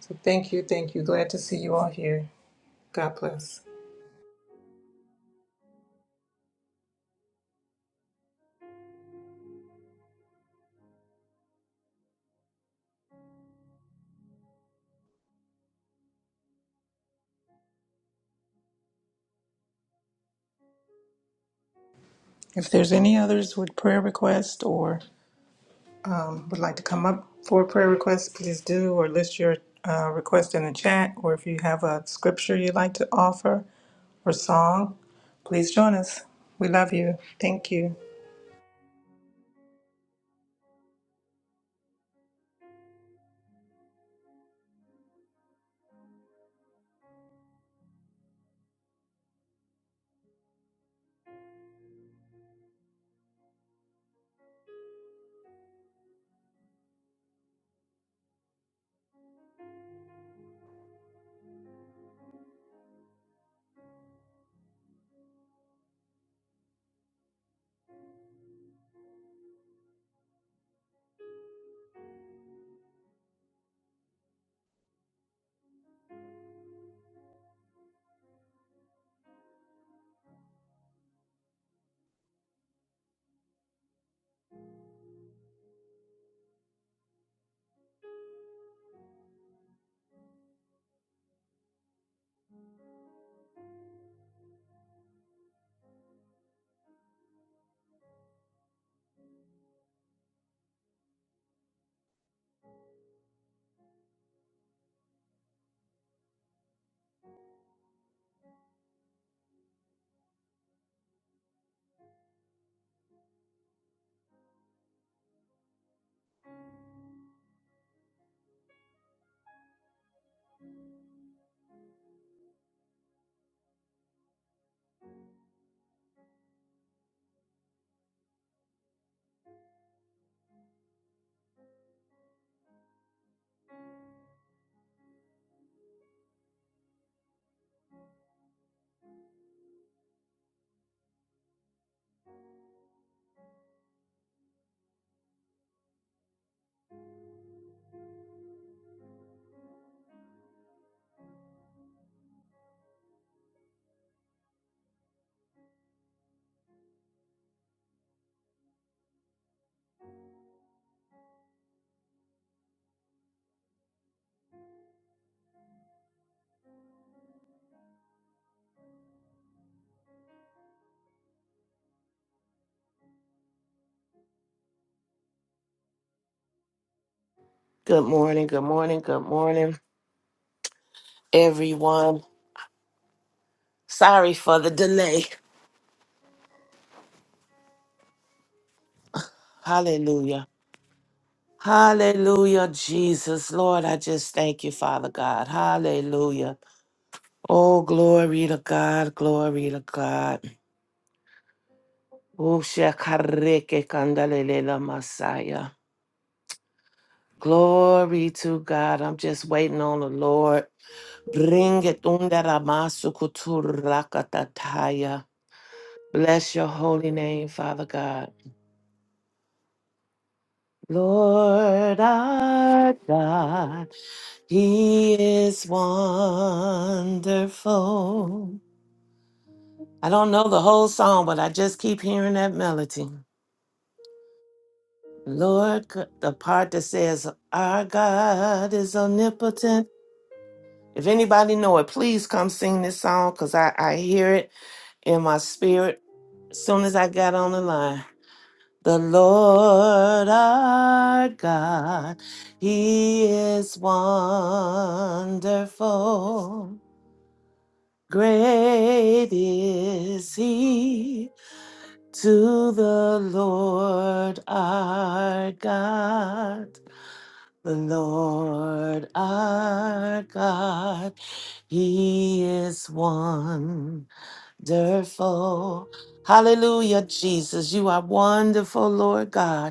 B: So thank you, thank you. Glad to see you all here. God bless. If there's any others with prayer request or um, would like to come up for a prayer request, please do or list your uh, request in the chat. Or if you have a scripture you'd like to offer or song, please join us. We love you. Thank you.
F: Good morning, good morning, good morning, everyone. Sorry for the delay. Hallelujah. Hallelujah, Jesus. Lord, I just thank you, Father God. Hallelujah. Oh, glory to God, glory to God. Oh, shakareke kandalele Messiah. Glory to God. I'm just waiting on the Lord. Bring it undaramasu kuturakataya. Bless your holy name, Father God. Lord our God, He is wonderful. I don't know the whole song, but I just keep hearing that melody. Lord, c- the part that says, Our God is omnipotent. If anybody know it, please come sing this song because I, I hear it in my spirit as soon as I got on the line. The Lord our God, He is wonderful. Great is He to the Lord our God. The Lord our God, He is wonderful. Hallelujah, Jesus. You are wonderful, Lord God.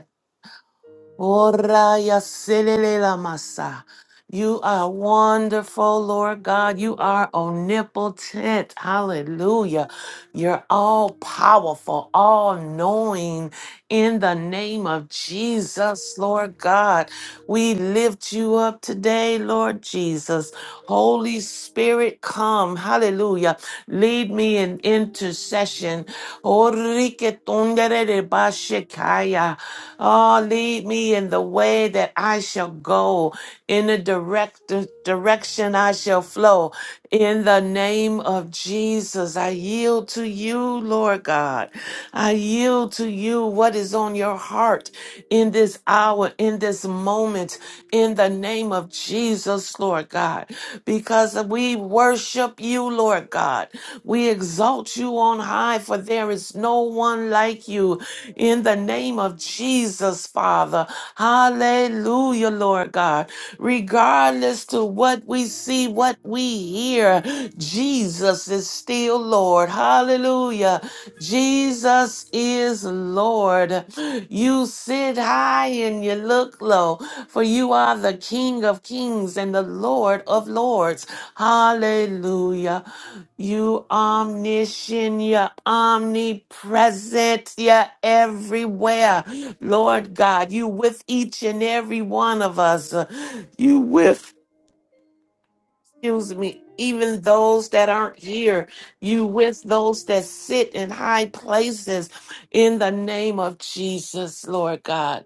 F: Ora ya selele la masa. You are wonderful, Lord God. You are omnipotent. Hallelujah. You're all powerful, all knowing in the name of Jesus, Lord God. We lift you up today, Lord Jesus. Holy Spirit, come. Hallelujah. Lead me in intercession. Oh, lead me in the way that I shall go in in the direct direction I shall flow. In the name of Jesus, I yield to you, Lord God. I yield to you what is on your heart in this hour, in this moment, in the name of Jesus, Lord God, because we worship you, Lord God. We exalt you on high, for there is no one like you. In the name of Jesus, Father. Hallelujah, Lord God regardless to what we see, what we hear, Jesus is still Lord. Hallelujah. Jesus is Lord. You sit high and you look low, for you are the King of kings and the Lord of lords. Hallelujah. You omniscient, you're omnipresent, you're everywhere. Lord God, you with each and every one of us. You with, excuse me, even those that aren't here. You with those that sit in high places in the name of Jesus, Lord God.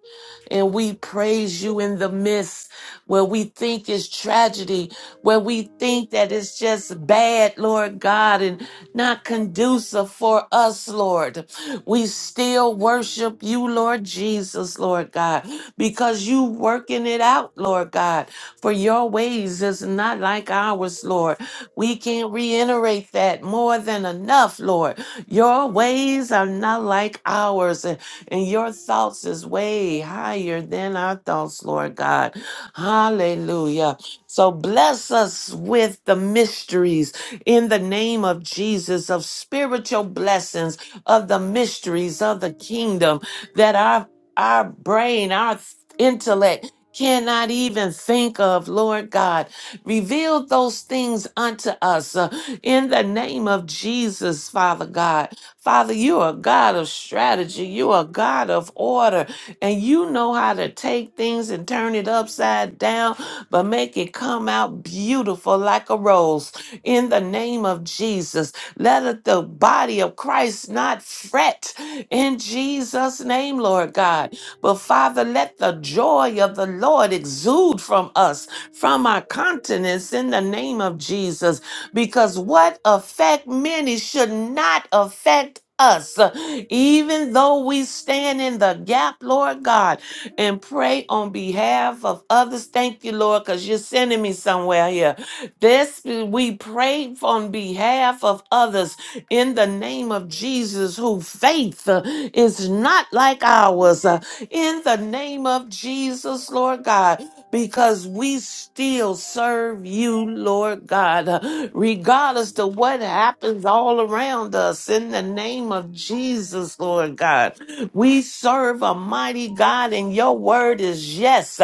F: And we praise you in the midst where we think is tragedy, where we think that it's just bad, Lord God, and not conducive for us, Lord. We still worship you, Lord Jesus, Lord God, because you working it out, Lord God. For your ways is not like ours, Lord. We can't reiterate that more than enough, Lord. Your ways are not like ours, and, and your thoughts is way higher than our thoughts, Lord God. Hallelujah. So bless us with the mysteries in the name of Jesus of spiritual blessings of the mysteries of the kingdom that our our brain, our th- intellect cannot even think of, Lord God. Reveal those things unto us uh, in the name of Jesus, Father God. Father, you are God of strategy, you are God of order, and you know how to take things and turn it upside down, but make it come out beautiful like a rose in the name of Jesus. Let it- the body of Christ not fret in Jesus' name, Lord God. But Father, let the joy of the Lord exude from us, from our continents in the name of Jesus, because what affect many should not affect us even though we stand in the gap lord god and pray on behalf of others thank you lord because you're sending me somewhere here this we pray on behalf of others in the name of jesus who faith uh, is not like ours in the name of Jesus, Lord God, because we still serve you, Lord God, regardless to what happens all around us. In the name of Jesus, Lord God, we serve a mighty God, and your word is yes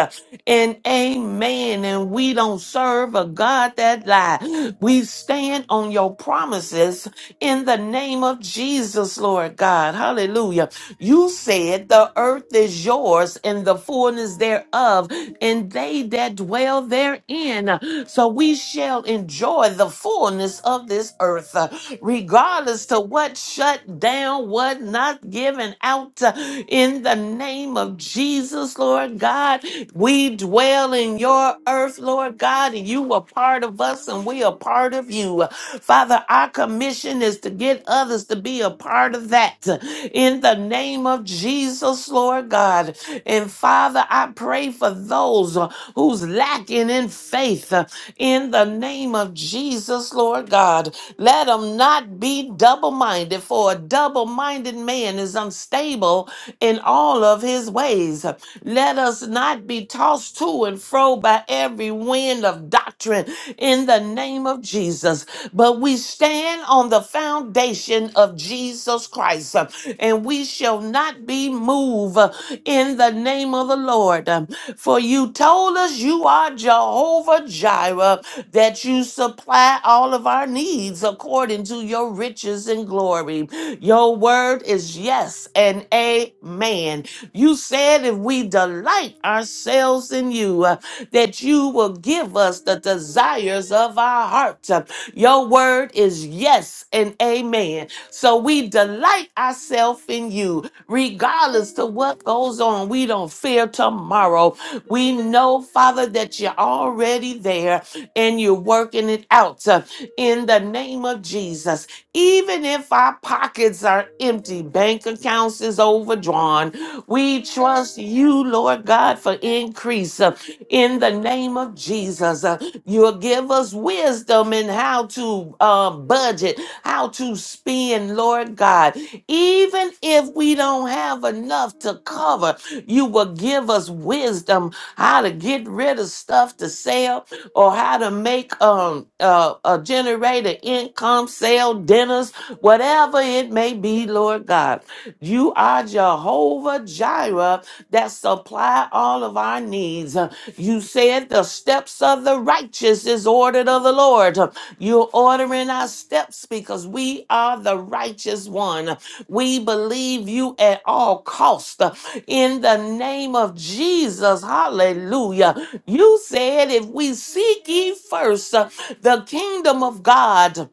F: and amen. And we don't serve a God that lies. We stand on your promises in the name of Jesus, Lord God. Hallelujah. You said the earth is yours and the fullness thereof, and they that dwell therein. So we shall enjoy the fullness of this earth, uh, regardless to what shut down, what not given out. uh, In the name of Jesus, Lord God, we dwell in your earth, Lord God, and you are part of us and we are part of you. Father, our commission is to get others to be a part of that in the name of Jesus, Lord God. And Father, I pray for those uh, who's lacking in faith uh, in the name of Jesus, Lord God. Let them not be double minded, for a double minded man is unstable in all of his ways. Let us not be tossed to and fro by every every wind of doctrine in the name of Jesus. But we stand on the foundation of Jesus Christ, uh, and we shall not be moved uh, in the name of the Lord. Um, For you told us you are Jehovah Jireh, that you supply all of our needs according to your riches and glory. Your word is yes and amen. You said if we delight ourselves in you, uh, that you will give us the desires of our heart. Your word is yes and amen. So we delight ourselves in you, regardless to what goes on. We don't fear tomorrow. We know, Father, that you're already there and you're working it out uh, in the name of Jesus. Even if our pockets are empty, bank accounts is overdrawn, we trust you, Lord God, for increase. uh, in the name of Jesus. Uh, You'll give us wisdom in how to uh, budget, how to spend, Lord God. Even if we don't have enough to cover, you will give us wisdom how to get rid of stuff to sell or how to make um uh, uh generate an income, sell dinners, whatever it may be, Lord God. You are Jehovah Jireh. Jireh that supply all of our needs. Uh, You said the steps of the righteous is ordered of the Lord. Uh, You're ordering our steps because we are the righteous one. We believe you at all cost. Uh, In the name of Jesus, hallelujah. You said if we seek ye first uh, the kingdom of God,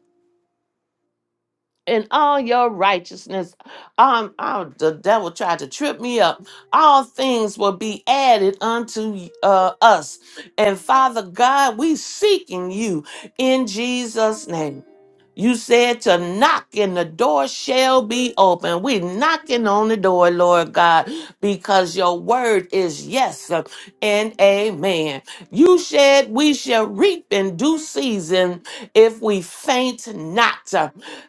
F: in all your righteousness. Um, I, the devil tried to trip me up. All things will be added unto uh, us. And Father God, we seeking you in Jesus' name. You said to knock and the door shall be open. We knocking on the door, Lord God, because your word is yes and amen. You said we shall reap in due season if we faint not.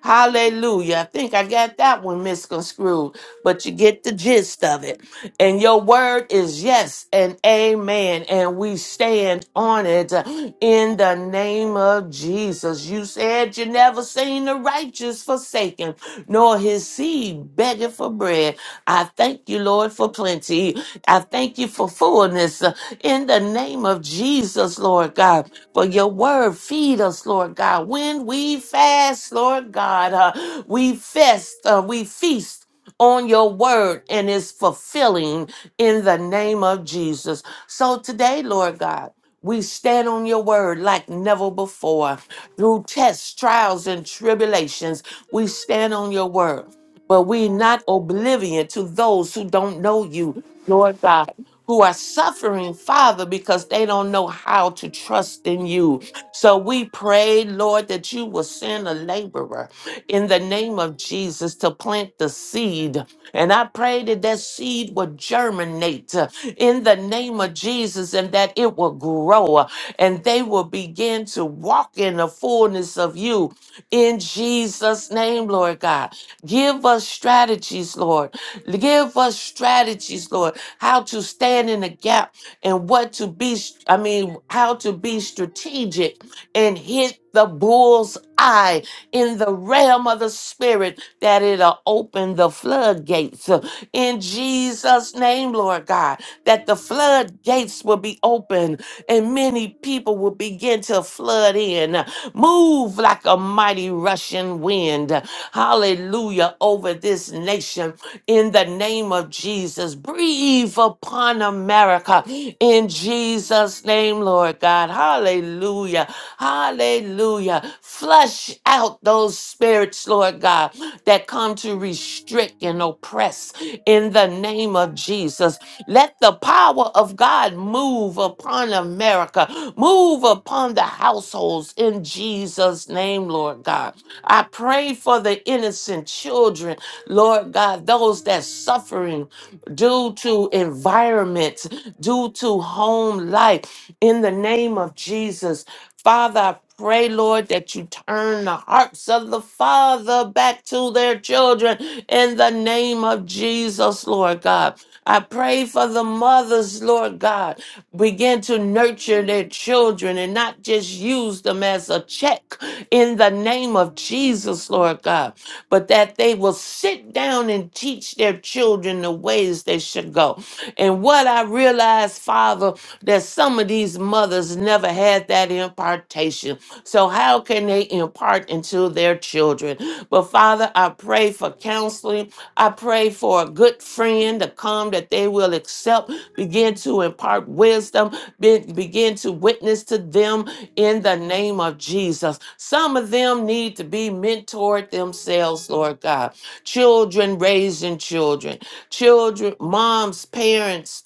F: Hallelujah. I think I got that one misconstrued, but you get the gist of it it. And your word is yes and amen. And we stand on it in the name of Jesus. You said you never seen the righteous forsaken, nor his seed begging for bread. I thank you, Lord, for plenty. I thank you for fullness uh, in the name of Jesus, Lord God. For your word, feed us, Lord God. When we fast, Lord God, uh, we fast, uh, we feast on your word and is fulfilling in the name of Jesus. So today, Lord God, we stand on your word like never before. Through tests, trials, and tribulations, we stand on your word but we're not oblivion to those who don't know you, Lord God, who are suffering, Father, because they don't know how to trust in you. So we pray, Lord, that you will send a laborer in the name of Jesus to plant the seed. And I pray that that seed will germinate uh, in the name of Jesus and that it will grow uh, and they will begin to walk in the fullness of you in Jesus' name, Lord God. Give us strategies, Lord. Give us strategies, Lord, how to stand in the gap and what to be, I mean, how to be strategic and hit the bull's eye in the realm of the spirit that it'll open the floodgates in Jesus' name, Lord God, that the floodgates will be open and many people will begin to flood in. Move like a mighty rushing wind. Hallelujah over this nation in the name of Jesus. Breathe upon America in Jesus' name name, Lord God. Hallelujah. Hallelujah. Flush out those spirits, Lord God, that come to restrict and oppress in the name of Jesus. Let the power of God move upon America, move upon the households in Jesus' name, Lord God. I. I pray for the innocent children, Lord God, those that suffering due to environments, due to home life, in the name of Jesus. Father, I pray, Lord, that you turn the hearts of the father back to their children in the name of Jesus, Lord God. I pray for the mothers, Lord God, begin to nurture their children and not just use them as a check in the name of Jesus, Lord God, but that they will sit down and teach their children the ways they should go. And what I realized, Father, that some of these mothers never had that impartation. So, how can they impart into their children? But, Father, I pray for counseling. I pray for a good friend to come that they will accept begin to impart wisdom, be- begin to witness to them in the name of Jesus. Some of them need to be mentored themselves, Lord God. Children raising children, children, moms, parents,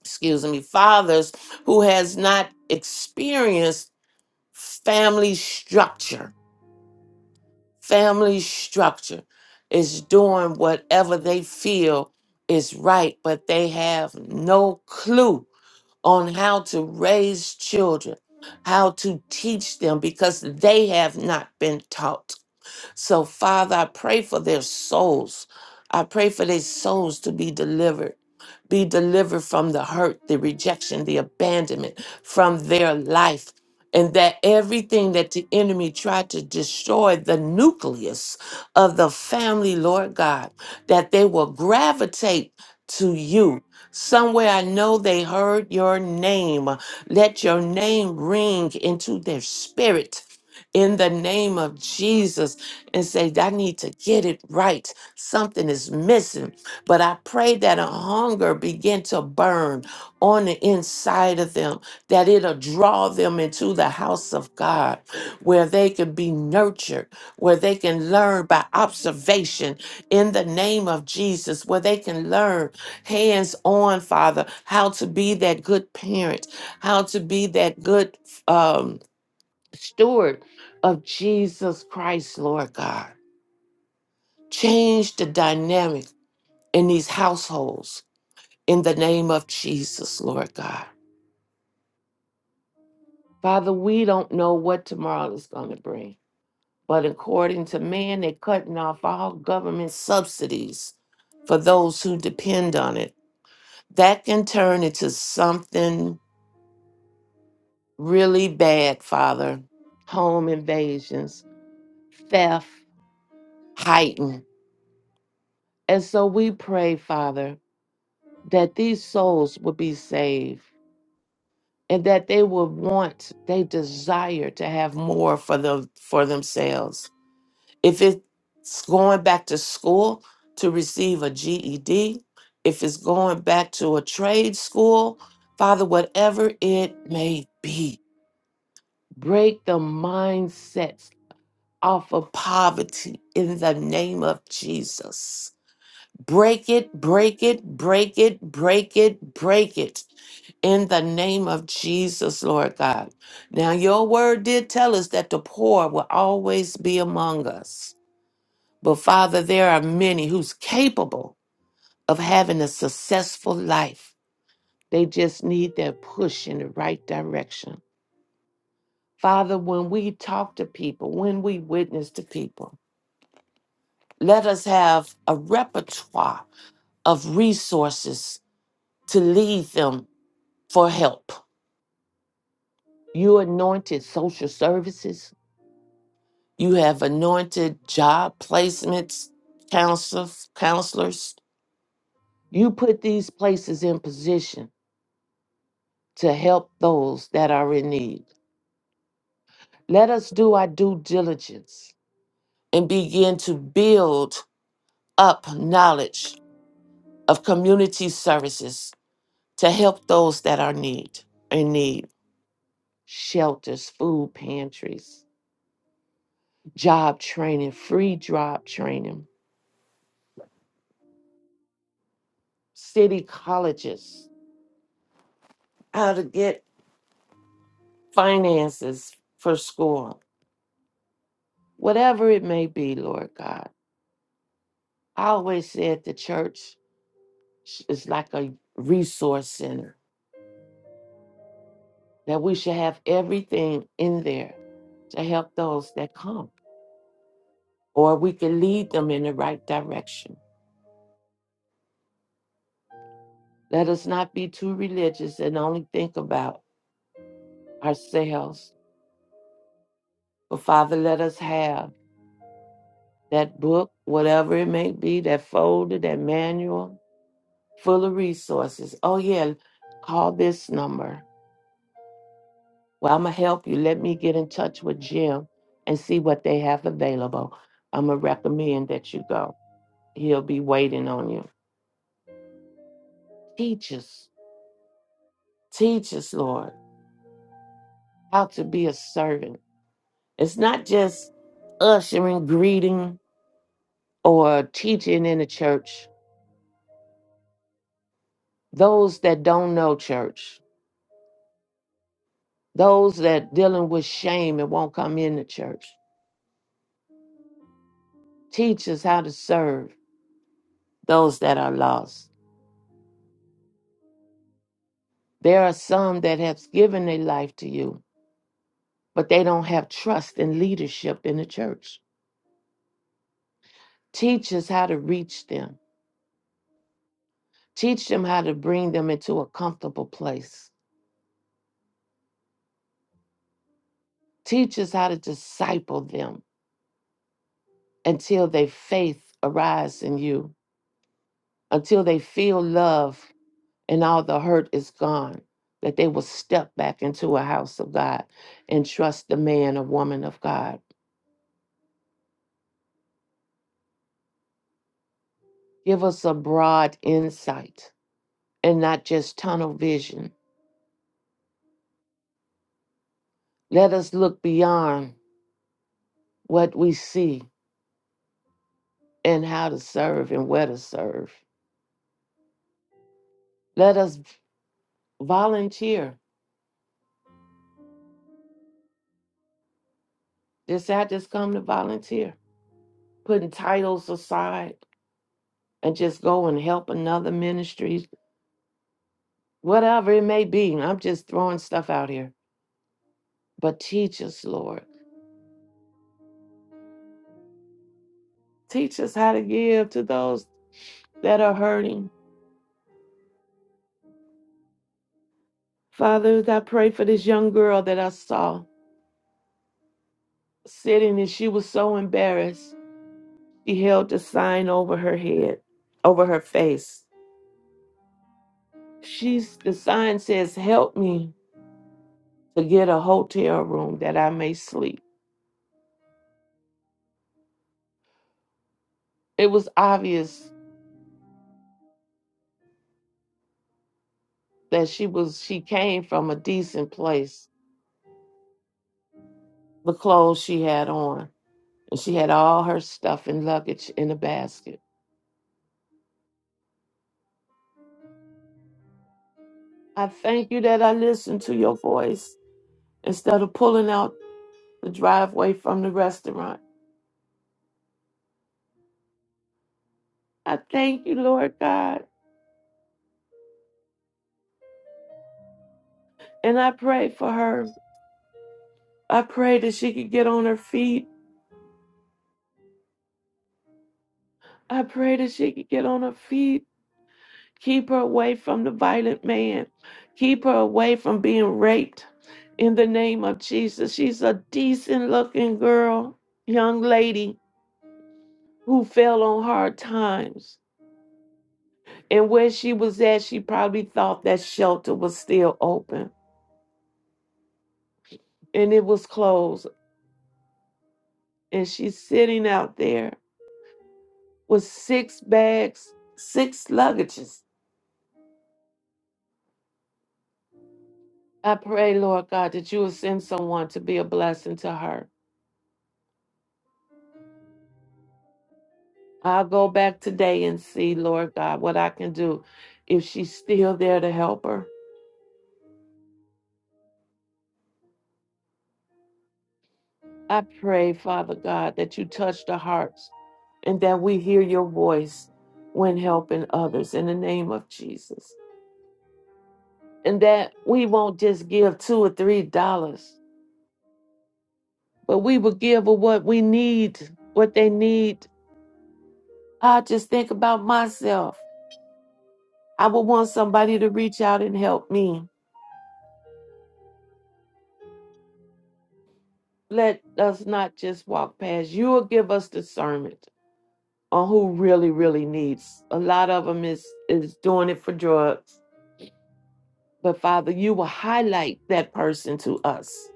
F: excuse me, fathers who has not experienced family structure. Family structure is doing whatever they feel is right, but they have no clue on how to raise children, how to teach them because they have not been taught. So, Father, I pray for their souls. I pray for their souls to be delivered. Be delivered from the hurt, the rejection, the abandonment from their life. And that everything that the enemy tried to destroy the nucleus of the family, Lord God, that they will gravitate to you. Somewhere I know they heard your name. Let your name ring into their spirit in the name of Jesus and say, I need to get it right. Something is missing. But I pray that a hunger begin to burn on the inside of them, that it'll draw them into the house of God, where they can be nurtured, where they can learn by observation in the name of Jesus, where they can learn hands on, Father, how to be that good parent, how to be that good um, steward of Jesus Christ, Lord God. Change the dynamic in these households in the name of Jesus, Lord God. Father, we don't know what tomorrow is going to bring. But according to man, they're cutting off all government subsidies for those who depend on it. That can turn into something really bad, Father. Home invasions, theft, heightened. And so we pray, Father, that these souls would be saved and that they would want they desire to have more for them for themselves if it's going back to school to receive a ged if it's going back to a trade school father whatever it may be break the mindsets off of poverty in the name of jesus Break it, break it, break it, break it, break it in the name of Jesus, Lord God. Now, your word did tell us that the poor will always be among us. But Father, there are many who's capable of having a successful life. They just need that push in the right direction. Father, when we talk to people, when we witness to people, let us have a repertoire of resources to lead them for help. You anointed social services. You have anointed job placements, counselors, counselors. You put these places in position to help those that are in need. Let us do our due diligence and begin to build up knowledge of community services to help those that are need in need. Shelters, food pantries, job training, free job training city colleges, how to get finances for school, whatever it may be, Lord God. I always said the church sh- is like a resource center, that we should have everything in there to help those that come, or we can lead them in the right direction. Let us not be too religious and only think about ourselves, but Father, let us have that book, whatever it may be, that folder, that manual, full of resources. Oh, yeah, call this number. Well, I'm going to help you. Let me get in touch with Jim and see what they have available. I'm going to recommend that you go. He'll be waiting on you. Teach us, teach us, Lord, how to be a servant. It's not just ushering, greeting, or teaching in the church. Those that don't know church, those that dealing with shame and won't come in the church, teach us how to serve those that are lost. There are some that have given their life to you, but they don't have trust and leadership in the church. Teach us how to reach them. Teach them how to bring them into a comfortable place. Teach us how to disciple them until their faith arise in you, until they feel love and all the hurt is gone, that they will step back into a house of God and trust the man or woman of God. Give us a broad insight and not just tunnel vision. Let us look beyond what we see and how to serve and where to serve. Let us volunteer. Just, I just come to volunteer, putting titles aside and just go and help another ministry, whatever it may be. I'm just throwing stuff out here. But teach us, Lord. Teach us how to give to those that are hurting. Father, I pray for this young girl that I saw sitting and she was so embarrassed She held the sign over her head, over her face. She's the sign says, "Help me to get a hotel room that I may sleep." It was obvious that she was she came from a decent place. The clothes she had on, and she had all her stuff and luggage in a basket. I thank you that I listened to your voice instead of pulling out the driveway from the restaurant. I thank you, Lord God, and I pray for her I pray that she could get on her feet. I pray that she could get on her feet. Keep her away from the violent man. Keep her away from being raped. In the name of Jesus, she's a decent looking girl, young lady who fell on hard times. And where she was at, she probably thought that shelter was still open and it was closed. And she's sitting out there with six bags, six luggages I pray, Lord God, that you will send someone to be a blessing to her. I'll go back today and see, Lord God, what I can do if she's still there to help her. I pray, Father God, that you touch the hearts and that we hear your voice when helping others in the name of Jesus. And that we won't just give two or three dollars, but we will give of what we need, what they need. I just think about myself. I would want somebody to reach out and help me. let us not just walk past. You will give us discernment on who really, really needs. A lot of them is is doing it for drugs. But Father, you will highlight that person to us.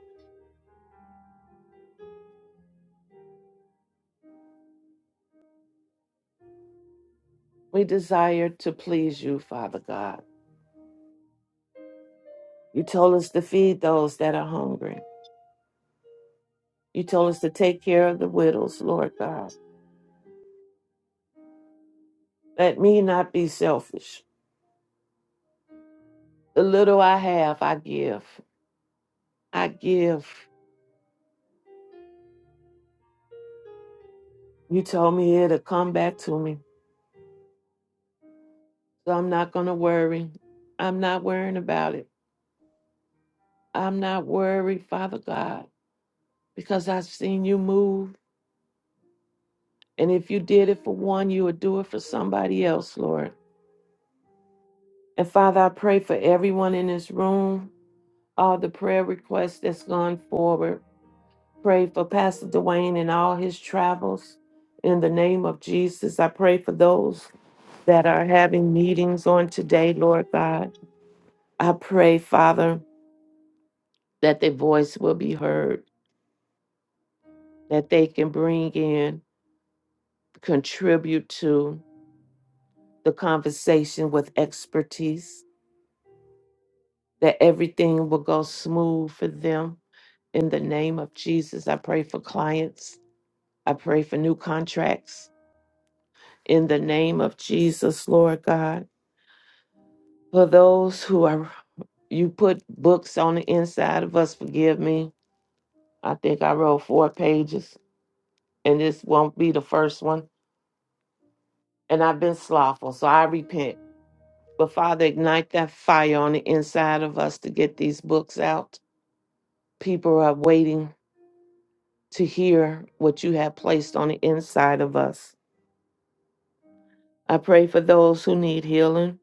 F: We desire to please you, Father God. You told us to feed those that are hungry. You told us to take care of the widows, Lord God. Let me not be selfish. The little I have, I give. I give. You told me it'll come back to me. So I'm not going to worry. I'm not worrying about it. I'm not worried, Father God, because I've seen you move. And if you did it for one, you would do it for somebody else, Lord. And Father, I pray for everyone in this room, all the prayer requests that's gone forward. Pray for Pastor Dwayne and all his travels. In the name of Jesus, I pray for those that are having meetings on today, Lord God. I pray, Father, that their voice will be heard that they can bring in, contribute to the conversation with expertise, that everything will go smooth for them. In the name of Jesus, I pray for clients. I pray for new contracts. In the name of Jesus, Lord God, for those who are, you put books on the inside of us, forgive me. I think I wrote four pages, and this won't be the first one. And I've been slothful, so I repent. But Father, ignite that fire on the inside of us to get these books out. People are waiting to hear what you have placed on the inside of us. I pray for those who need healing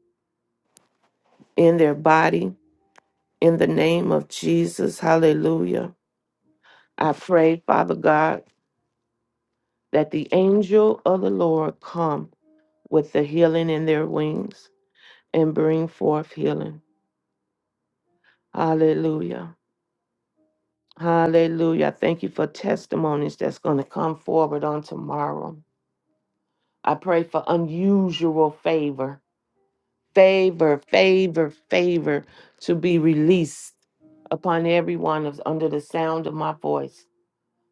F: in their body in the name of Jesus. Hallelujah. I pray, Father God, that the angel of the Lord come with the healing in their wings and bring forth healing. Hallelujah. Hallelujah. I Thank you for testimonies that's going to come forward on tomorrow. I pray for unusual favor, favor, favor, favor to be released upon everyone of- under the sound of my voice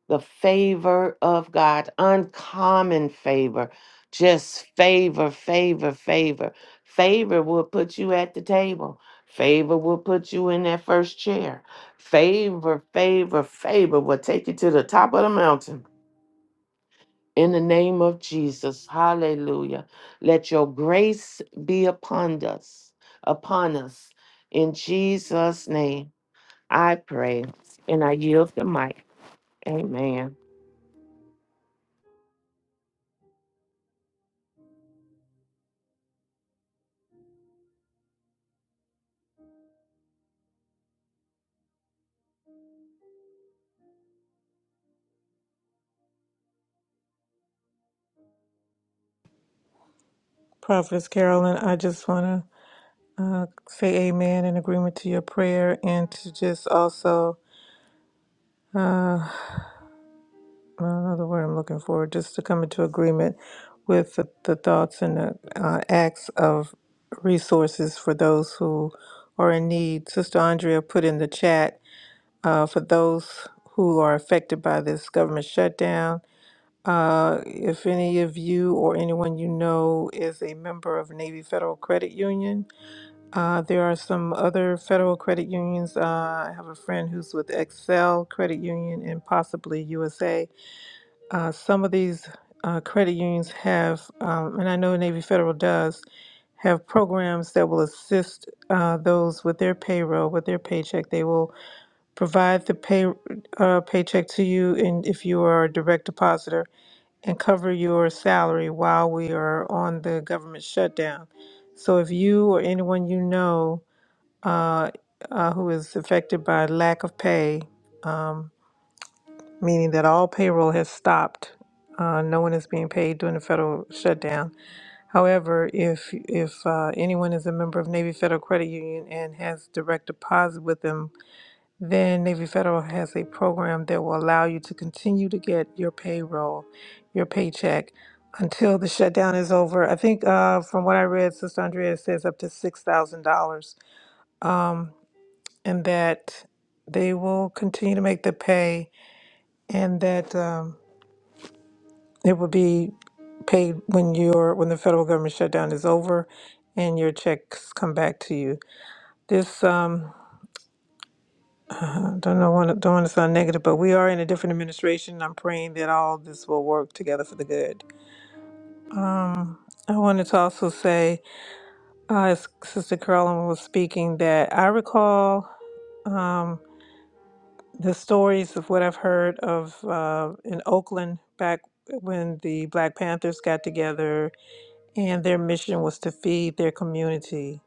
F: the favor of God, uncommon favor, just favor, favor, favor. Favor will put you at the table. Favor will put you in that first chair. Favor, favor, favor will take you to the top of the mountain. In the name of Jesus, hallelujah. Let your grace be upon us, upon us. In Jesus' name, I pray and I yield the mic. Amen.
B: Prophetess Carolyn, I just want to uh, say amen in agreement to your prayer and to just also another word I'm looking for, just to come into agreement with the, the thoughts and the uh, acts of resources for those who are in need. Sister Andrea put in the chat uh, for those who are affected by this government shutdown. Uh, if any of you or anyone you know is a member of Navy Federal Credit Union, uh, there are some other federal credit unions. Uh, I have a friend who's with Excel Credit Union and possibly USA. Uh, some of these uh, credit unions have, um, and I know Navy Federal does, have programs that will assist uh, those with their payroll, with their paycheck. They will provide the pay uh, paycheck to you, and if you are a direct depositor, and cover your salary while we are on the government shutdown. So if you or anyone you know uh, uh, who is affected by lack of pay, um, meaning that all payroll has stopped. Uh, no one is being paid during the federal shutdown. However, if if uh, anyone is a member of Navy Federal Credit Union and has direct deposit with them, then Navy Federal has a program that will allow you to continue to get your payroll, your paycheck, until the shutdown is over. I think uh, from what I read, Sister Andrea says up to six thousand dollars, um, and that they will continue to make the pay, and that. Um, It will be paid when your when the federal government shutdown is over, and your checks come back to you. This um, uh, don't know want don't want to sound negative, but we are in a different administration. I'm praying that all this will work together for the good. Um, I wanted to also say, uh, as Sister Carolyn was speaking, that I recall um, the stories of what I've heard of uh, in Oakland back when the Black Panthers got together and their mission was to feed their community.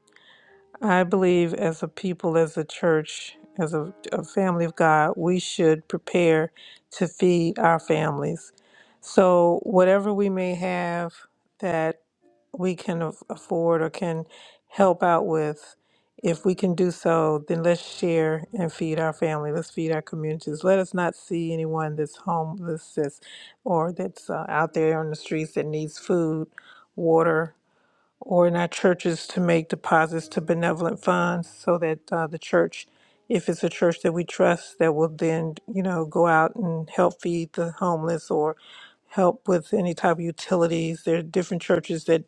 B: I believe, as a people, as a church, as a, a family of God, we should prepare to feed our families. So, whatever we may have that we can af- afford or can help out with, if we can do so, then let's share and feed our family. Let's feed our communities. Let us not see anyone that's homeless that's, or that's uh, out there on the streets that needs food, water, or in our churches to make deposits to benevolent funds so that uh, the church, if it's a church that we trust, that will then, you know, go out and help feed the homeless or help with any type of utilities. There are different churches that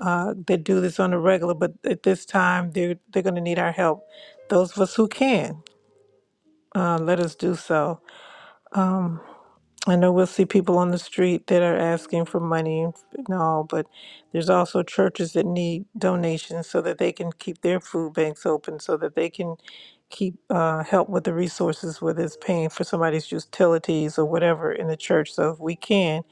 B: uh, that do this on a regular, but at this time they're they're going to need our help. Those of us who can, uh, let us do so. I know we'll see people on the street that are asking for money and f- and all, but there's also churches that need donations so that they can keep their food banks open, so that they can keep uh, help with the resources, whether it's paying for somebody's utilities or whatever in the church. So if we can,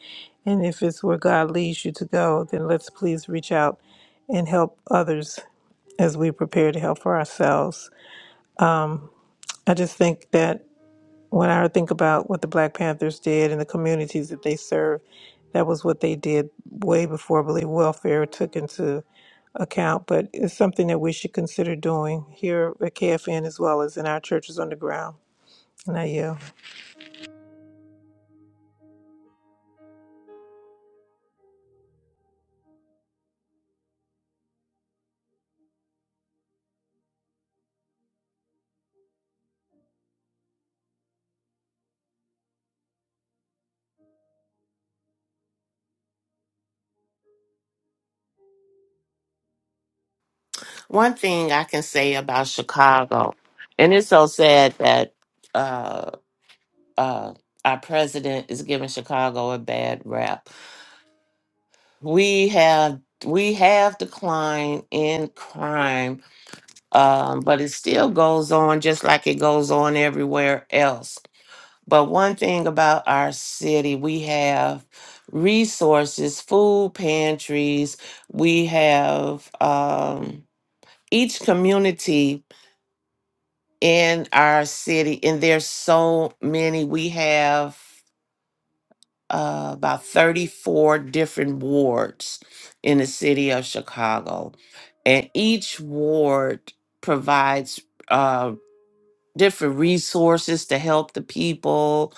B: and if it's where God leads you to go, then let's please reach out and help others as we prepare to help for ourselves. I just think that. When I think about what the Black Panthers did and the communities that they served, that was what they did way before I believe welfare took into account. But it's something that we should consider doing here at KFN as well as in our churches on the ground. And I yield.
F: One thing I can say about Chicago, and it's so sad that uh, uh, our president is giving Chicago a bad rap. We have we have declined in crime, um, but it still goes on just like it goes on everywhere else. But one thing about our city, we have resources, food pantries. We have um, each community in our city and there's so many we have uh, about 34 different wards in the city of chicago and each ward provides uh, different resources to help the people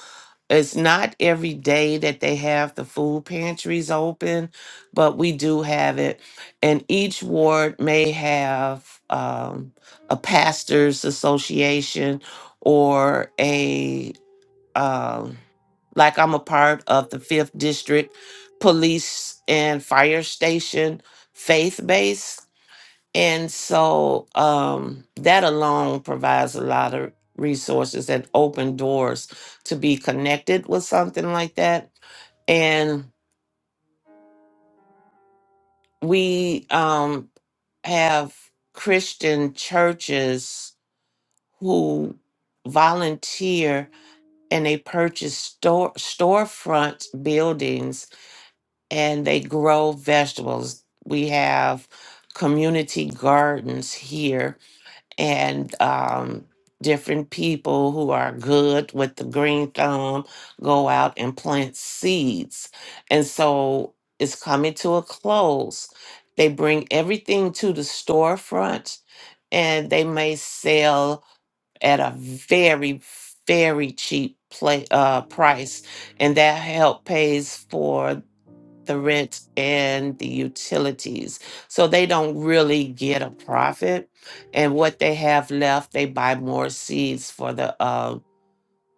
F: it's not every day that they have the food pantries open, but we do have it. And each ward may have um, a pastors association or a, um, like I'm a part of the fifth district police and fire station faith base. And so um, that alone provides a lot of resources and open doors to be connected with something like that. And we um, have Christian churches who volunteer and they purchase store storefront buildings and they grow vegetables. We have community gardens here and um, different people who are good with the green thumb go out and plant seeds. And so it's coming to a close. They bring everything to the storefront and they may sell at a very, very cheap play, uh, price. And that help pays for the rent and the utilities. So they don't really get a profit. And what they have left, they buy more seeds for the uh,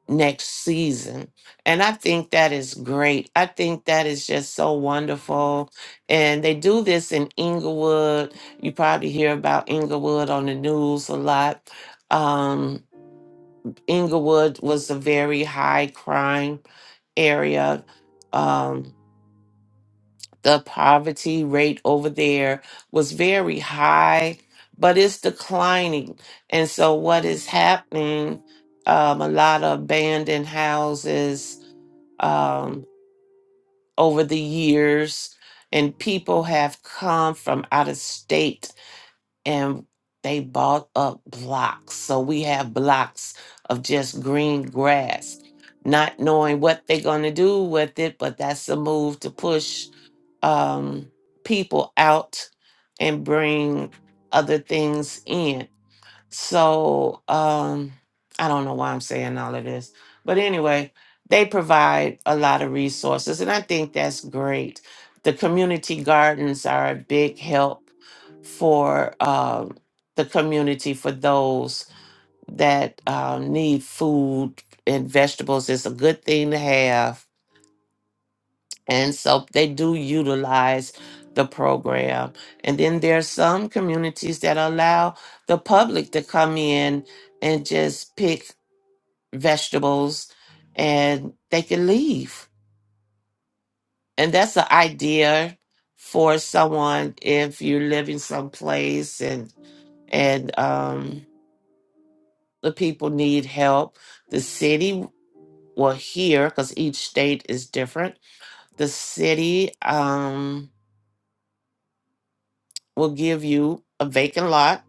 F: next season. And I think that is great. I think that is just so wonderful. And they do this in Inglewood. You probably hear about Inglewood on the news a lot. Um, Inglewood was a very high crime area. Um, the poverty rate over there was very high, but it's declining. And so, what is happening? Um, a lot of abandoned houses um, over the years, and people have come from out of state and they bought up blocks. So, we have blocks of just green grass. Not knowing what they're going to do with it, but that's the move to push um, people out and bring other things in. So um, I don't know why I'm saying all of this, but anyway, they provide a lot of resources, and I think that's great. The community gardens are a big help for um, the community for those that um, need food and vegetables. It's a good thing to have and so they do utilize the program. And then there are some communities that allow the public to come in and just pick vegetables and they can leave. And that's an idea for someone if you're living someplace and and um the people need help. The city will hear because each state is different. The city um will give you a vacant lot.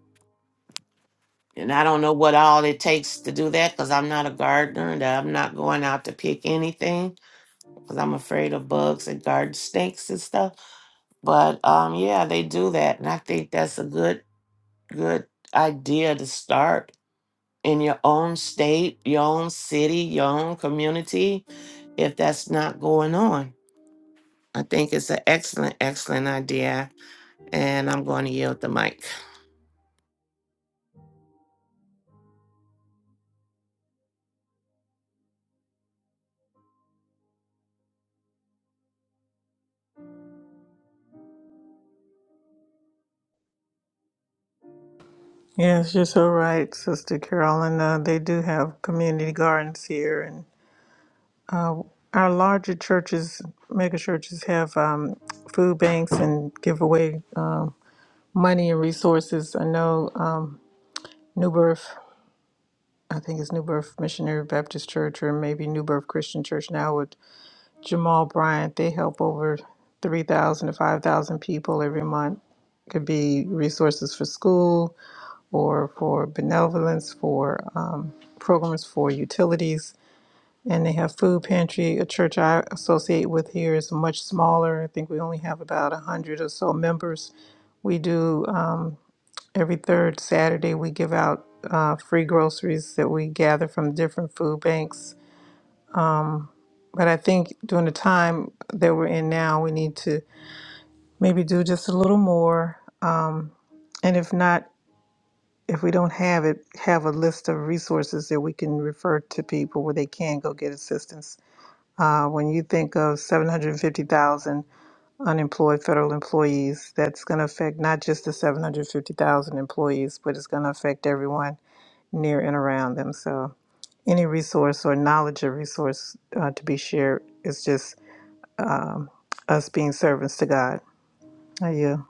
F: And I don't know what all it takes to do that because I'm not a gardener and I'm not going out to pick anything because I'm afraid of bugs and garden snakes and stuff. But um, yeah, they do that. And I think that's a good, good idea to start in your own state, your own city, your own community, if that's not going on. I think it's an excellent, excellent idea. And I'm going to yield the mic.
B: Yes, you're so right, Sister Carolyn. Uh, they do have community gardens here, and our larger churches, mega churches, have um, food banks and give away um, money and resources. I know um, New Birth I think it's New Birth Missionary Baptist Church or maybe New Birth Christian Church now with Jamal Bryant. They help over 3,000 to 5,000 people every month. Could be resources for school or for benevolence, for um, programs for utilities. And they have food pantry. A church I associate with here is much smaller. I think we only have about 100 or so members. We do. Um, Every third Saturday, we give out uh, free groceries that we gather from different food banks. But I think during the time that we're in now, we need to maybe do just a little more. Um, and if not, if we don't have it, have a list of resources that we can refer to people where they can go get assistance. Uh, when you think of 750,000 unemployed federal employees, that's going to affect not just the 750,000 employees, but it's going to affect everyone near and around them. So, any resource or knowledge of resource uh, to be shared is just us being servants to God. Are you?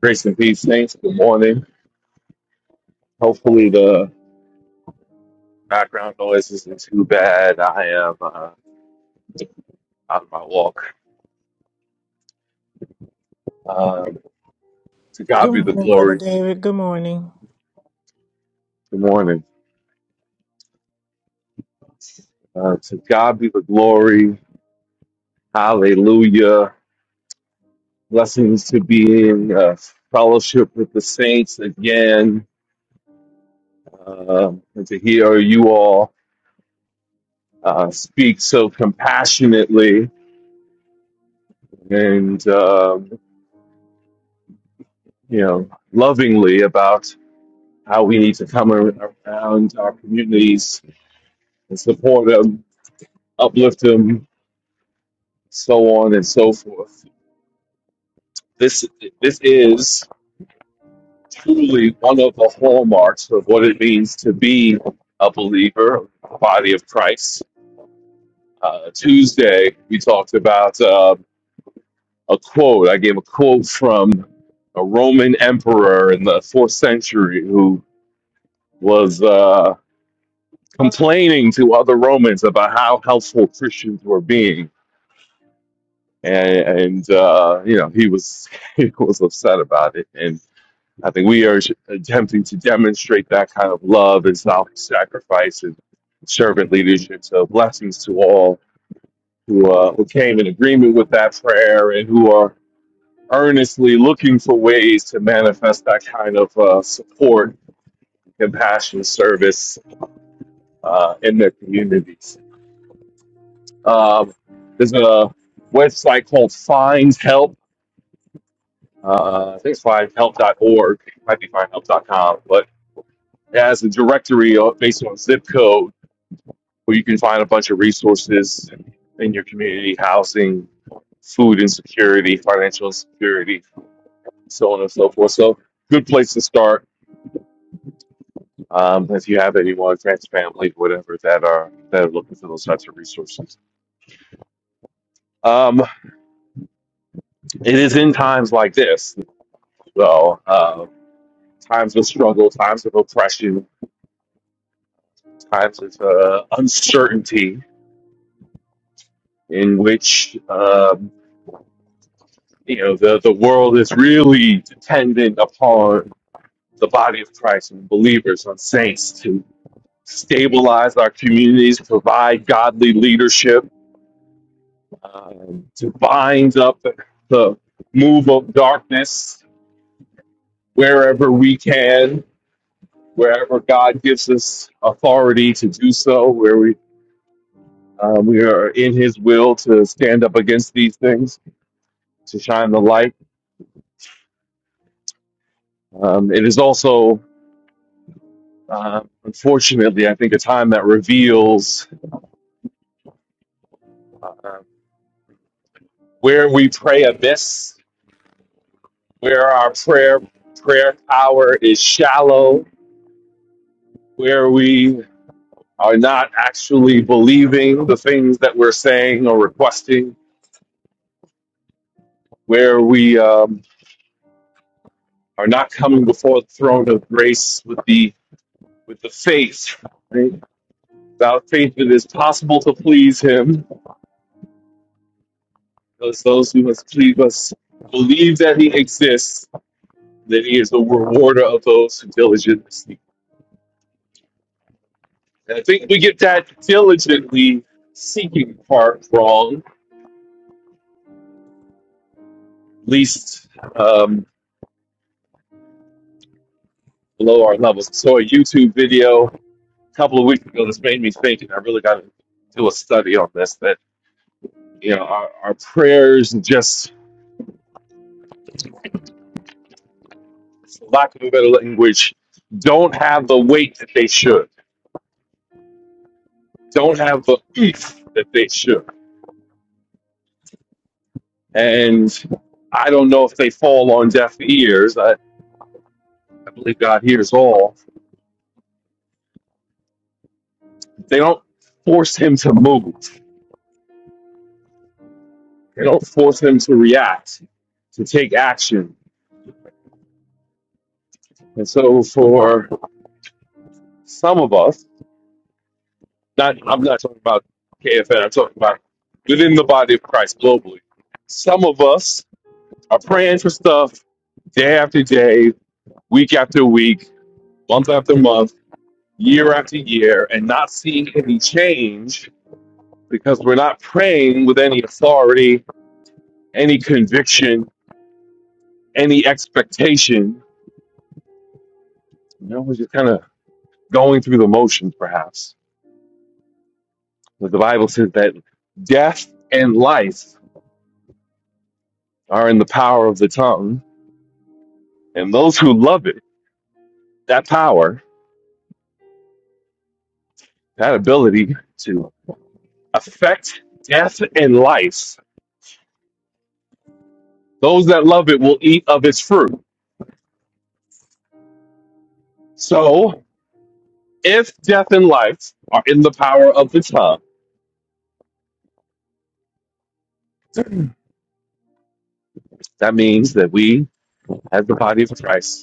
G: Grace and peace, Saints. Good morning. Hopefully, the background noise isn't too bad. I am uh, out of my walk. Um, to God
B: Good
G: be the
B: morning, Brother
G: glory.
B: David. Good morning.
G: Good morning. Uh, to God be the glory. Hallelujah. Blessings to be in uh, fellowship with the saints again Um and to hear you all uh, speak so compassionately and, um, you know, lovingly about. how we need to come ar- around our communities and support them, uplift them, so on and so forth. This this is truly one of the hallmarks of what it means to be a believer, a body of Christ. Uh, Tuesday we talked about uh, a quote. I gave a quote from a Roman emperor in the fourth century who was uh, complaining to other Romans about how helpful Christians were being and, and uh, you know he was he was upset about it and i think we are attempting to demonstrate that kind of love and self-sacrifice and servant leadership so blessings to all who, uh, who came in agreement with that prayer and who are earnestly looking for ways to manifest that kind of uh, support compassion service uh, in their communities um, there's a website called Find Help. Uh, I think it's findhelp.org. It might be findhelp.com, but it has a directory based on zip code where you can find a bunch of resources in your community, housing, food insecurity, financial insecurity, so on and so forth. So, good place to start um, if you have anyone, friends, family, whatever that are that are looking for those types of resources. Um, it is in times like this, though, uh, times of struggle, times of oppression, times of uh, uncertainty in which um, you know the the world is really dependent upon the body of Christ and believers on saints to stabilize our communities, provide godly leadership, um, to bind up the move of darkness wherever we can, wherever God gives us authority to do so, where we um, we are in His will to stand up against these things, to shine the light. Um, it is also Um, unfortunately, I think a time that reveals um, where we pray amiss, where our prayer prayer power is shallow, where we are not actually believing the things that we're saying or requesting, where we um, are not coming before the throne of grace with the with the faith. Right? Without faith, it is possible to please Him, because those who must please us believe that He exists That he is the rewarder of those who diligently seek. And I think we get that diligently seeking part wrong, at least um, below our levels. I Saw a YouTube video a couple of weeks ago this made me think, and I really got to do a study on this. That you know, our, our prayers, and just for lack of a better language, don't have the weight that they should. Don't have the oomph that they should. And I don't know if they fall on deaf ears. I, I believe God hears all. They don't force him to move. They don't force him to react, to take action. And so for some of us, not I'm not talking about KFN, I'm talking about within the body of Christ globally. Some of us are praying for stuff day after day, week after week, month after month, year after year, and not seeing any change because we're not praying with any authority, any conviction, any expectation. You know, we're just kind of going through the motions, perhaps. But the Bible says that death and life are in the power of the tongue, and those who love it, that power, that ability to affect death and life, those that love it will eat of its fruit. So, if death and life are in the power of the tongue, that means that we, as the body of Christ,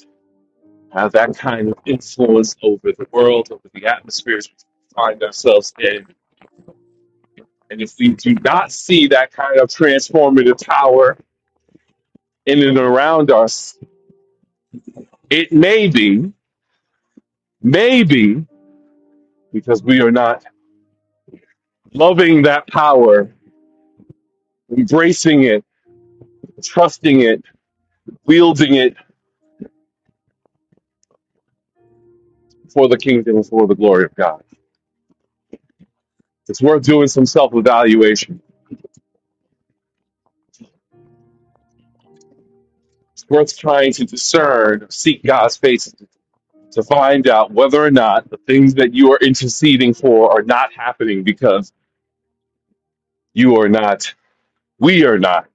G: have that kind of influence over the world, over the atmospheres we find ourselves in. And if we do not see that kind of transformative power in and around us, it may be, maybe, because we are not loving that power, embracing it, trusting it, wielding it for the kingdom, and for the glory of God. It's worth doing some self evaluation. It's worth trying to discern, seek God's face to find out whether or not the things that you are interceding for are not happening because you are not, we are not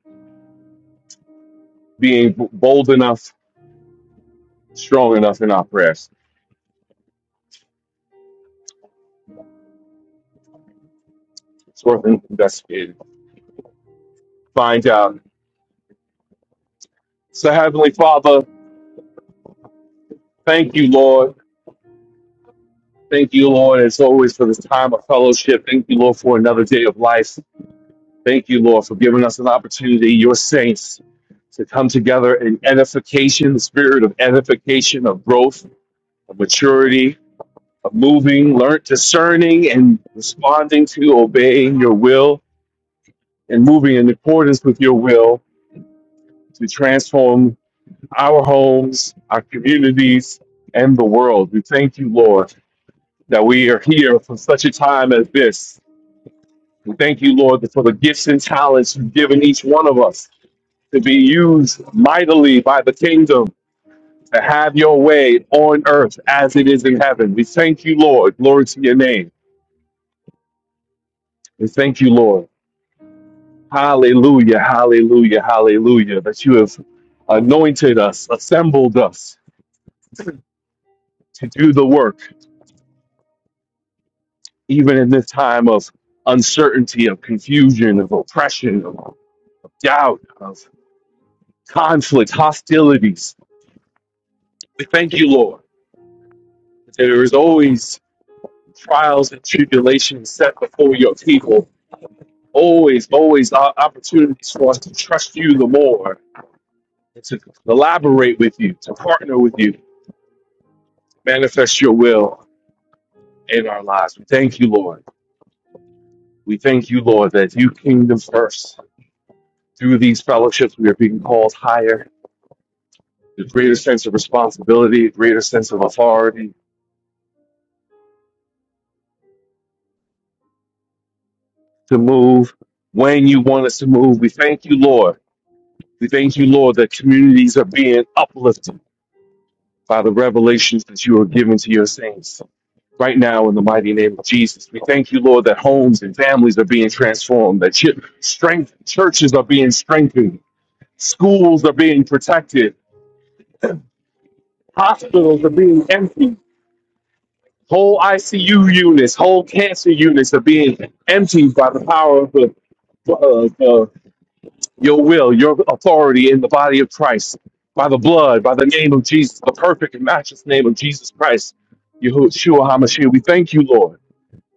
G: being b- bold enough, strong enough in our prayers. It's worth investigating. Find out. So, Heavenly Father, thank you, Lord. Thank you, Lord, as always, for this time of fellowship. Thank you, Lord, for another day of life. Thank you, Lord, for giving us an opportunity, your saints, to come together in edification, the spirit of edification, of growth, of maturity, moving, learn discerning and responding to obeying your will and moving in accordance with your will to transform our homes, our communities, and the world. We thank you, Lord, that we are here for such a time as this. We thank you, Lord, for the gifts and talents you've given each one of us to be used mightily by the kingdom to have your way on earth as it is in heaven. We thank you, Lord. Glory to your name. We thank you, Lord. Hallelujah, hallelujah, hallelujah. That you have anointed us, assembled us to do the work, even in this time of uncertainty, of confusion, of oppression, of doubt, of conflict, hostilities. We thank you, Lord. that There is always trials and tribulations set before your people, always, always o- opportunities for us to trust you the more, and to collaborate with you, to partner with you, manifest your will. in our lives. We thank you, Lord. We thank you, Lord, that you kingdom first. Through these fellowships, we are being called higher, a greater sense of responsibility, a greater sense of authority to move when you want us to move. We thank you, Lord. We thank you, Lord, that communities are being uplifted by the revelations that you are giving to your saints. Right now, in the mighty name of Jesus, we thank you, Lord, that homes and families are being transformed, that chi- strength churches are being strengthened, schools are being protected, Hospitals are being emptied. Whole ICU units, whole cancer units are being emptied by the power of the, uh, uh, your will, your authority in the body of Christ, by the blood, by the name of Jesus, the perfect and matchless name of Jesus Christ, Yahushua HaMashiach. We thank you, Lord,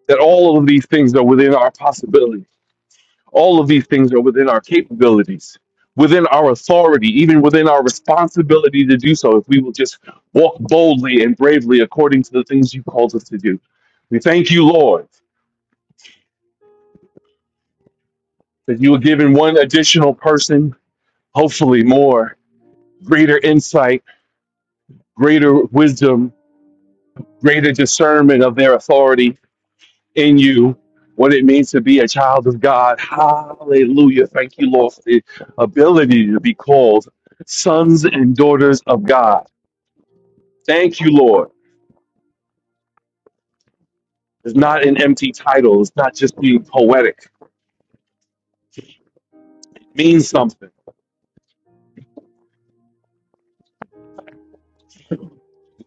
G: that all of these things are within our possibility. All of these things are within our capabilities, within our authority, even within our responsibility to do so if we will just walk boldly and bravely according to the things you called us to do. We thank you, Lord, that you have given one additional person, hopefully more, greater insight, greater wisdom, greater discernment of their authority, in you what it means to be a child of God. Hallelujah. Thank you, Lord, for the ability to be called sons and daughters of God. Thank you, Lord. It's not an empty title, it's not just being poetic, it means something.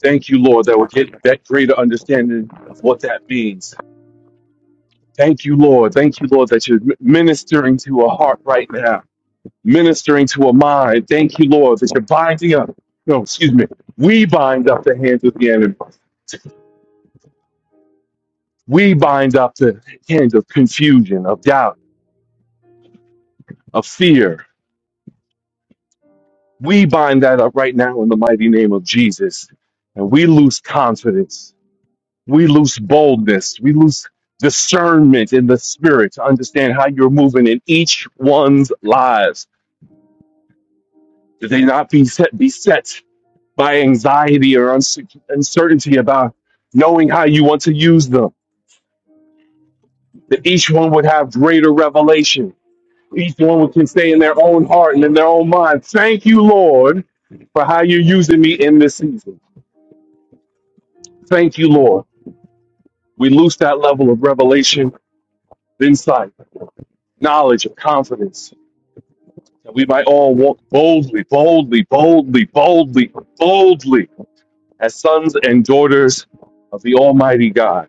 G: Thank you, Lord, that we're getting that greater understanding of what that means. Thank you, Lord. Thank you, Lord, that you're ministering to a heart right now, ministering to a mind. Thank you, Lord, that you're binding up. No, excuse me. We bind up the hands of the enemy We bind up the hand of confusion, of doubt, of fear. We bind that up right now in the mighty name of Jesus. And we lose confidence. We lose boldness. We lose discernment in the spirit to understand how you're moving in each one's lives. That they not be set, beset by anxiety or unse- uncertainty about knowing how you want to use them. That each one would have greater revelation Each one can stay in their own heart and in their own mind. Thank you, Lord, for how you're using me in this season. Thank you, Lord. We lose that level of revelation, insight, knowledge, and confidence. That we might all walk boldly, boldly, boldly, boldly, boldly as sons and daughters of the Almighty God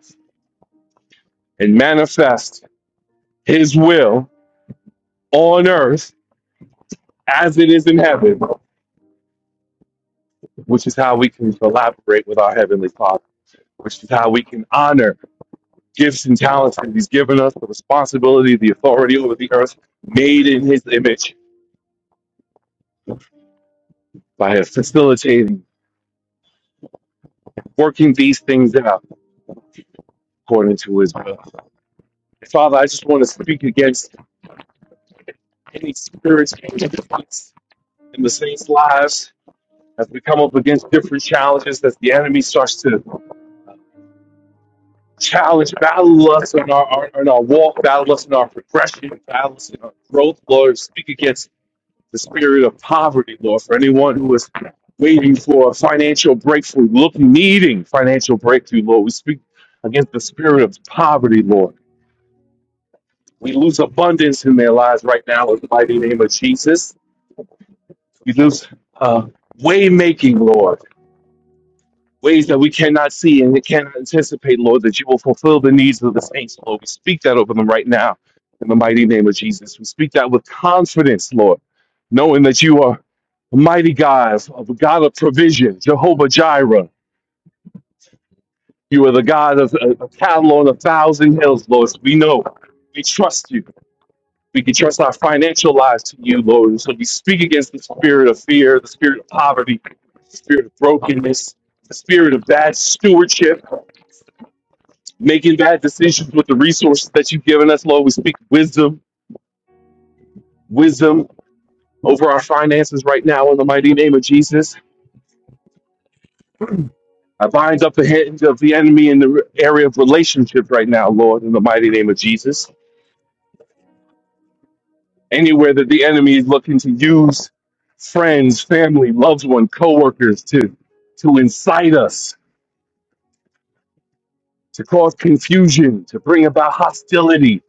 G: and manifest His will on earth as it is in heaven, which is how we can collaborate with our Heavenly Father, which is how we can honor gifts and talents that he's given us, the responsibility, the authority over the earth, made in his image by facilitating, working these things out according to his will. Father, I just want to speak against any spiritual difference in the saints' lives as we come up against different challenges, as the enemy starts to uh, challenge, battle us in our, our in our walk, battle us in our progression, battle us in our growth. Lord, speak against the spirit of poverty, Lord, for anyone who is waiting for a financial breakthrough, looking, needing financial breakthrough, Lord. We speak against the spirit of poverty, Lord. We lose abundance in their lives right now in the mighty name of Jesus. We lose uh, way making, Lord. ways that we cannot see and we cannot anticipate, Lord, that you will fulfill the needs of the saints, Lord. We speak that over them right now in the mighty name of Jesus. We speak that with confidence, Lord, knowing that you are a mighty God, a God of provision, Jehovah Jireh. You are the God of uh, of cattle on a thousand hills, Lord. So we know, we trust you. We can trust our financial lives to you, Lord. And so we speak against the spirit of fear, the spirit of poverty, the spirit of brokenness, the spirit of bad stewardship making bad decisions with the resources that you've given us, Lord. We speak wisdom, wisdom over our finances right now in the mighty name of Jesus. I bind up the hand of the enemy in the area of relationships right now, Lord, in the mighty name of Jesus. Anywhere that the enemy is looking to use friends, family, loved one, coworkers to to incite us, to cause confusion, to bring about hostility.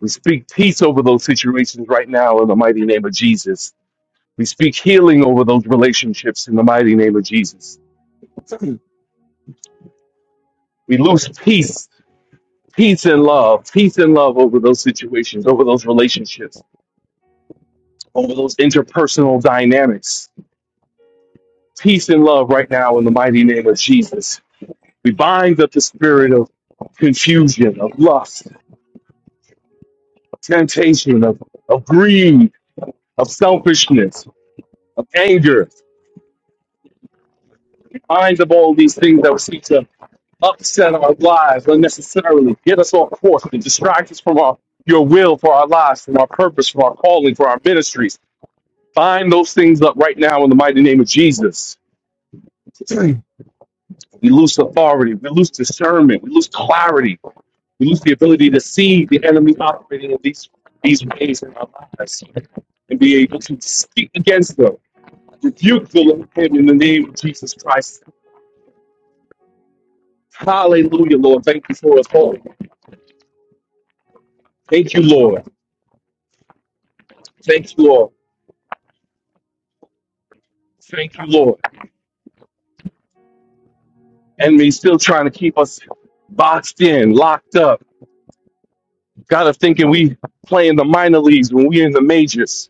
G: We speak peace over those situations right now in the mighty name of Jesus. We speak healing over those relationships in the mighty name of Jesus. We lose peace, peace and love, peace and love over those situations, over those relationships, over those interpersonal dynamics. Peace and love right now in the mighty name of Jesus. We bind up the spirit of confusion, of lust, of temptation, of, of greed, of selfishness, of anger. Bind up all these things that seek to upset our lives unnecessarily, get us off course, and distract us from our your will for our lives, from our purpose, from our calling, for our ministries. Bind those things up right now in the mighty name of Jesus. We lose authority, we lose discernment, we lose clarity, we lose the ability to see the enemy operating in these these ways in our lives and be able to speak against them. Rebuke the him in the name of Jesus Christ. Hallelujah, Lord. Thank you for us all. Thank you, Lord. Thank you, Lord. Thank you, Lord. and me still trying to keep us boxed in, locked up. Got us thinking we playing the minor leagues when we in the majors.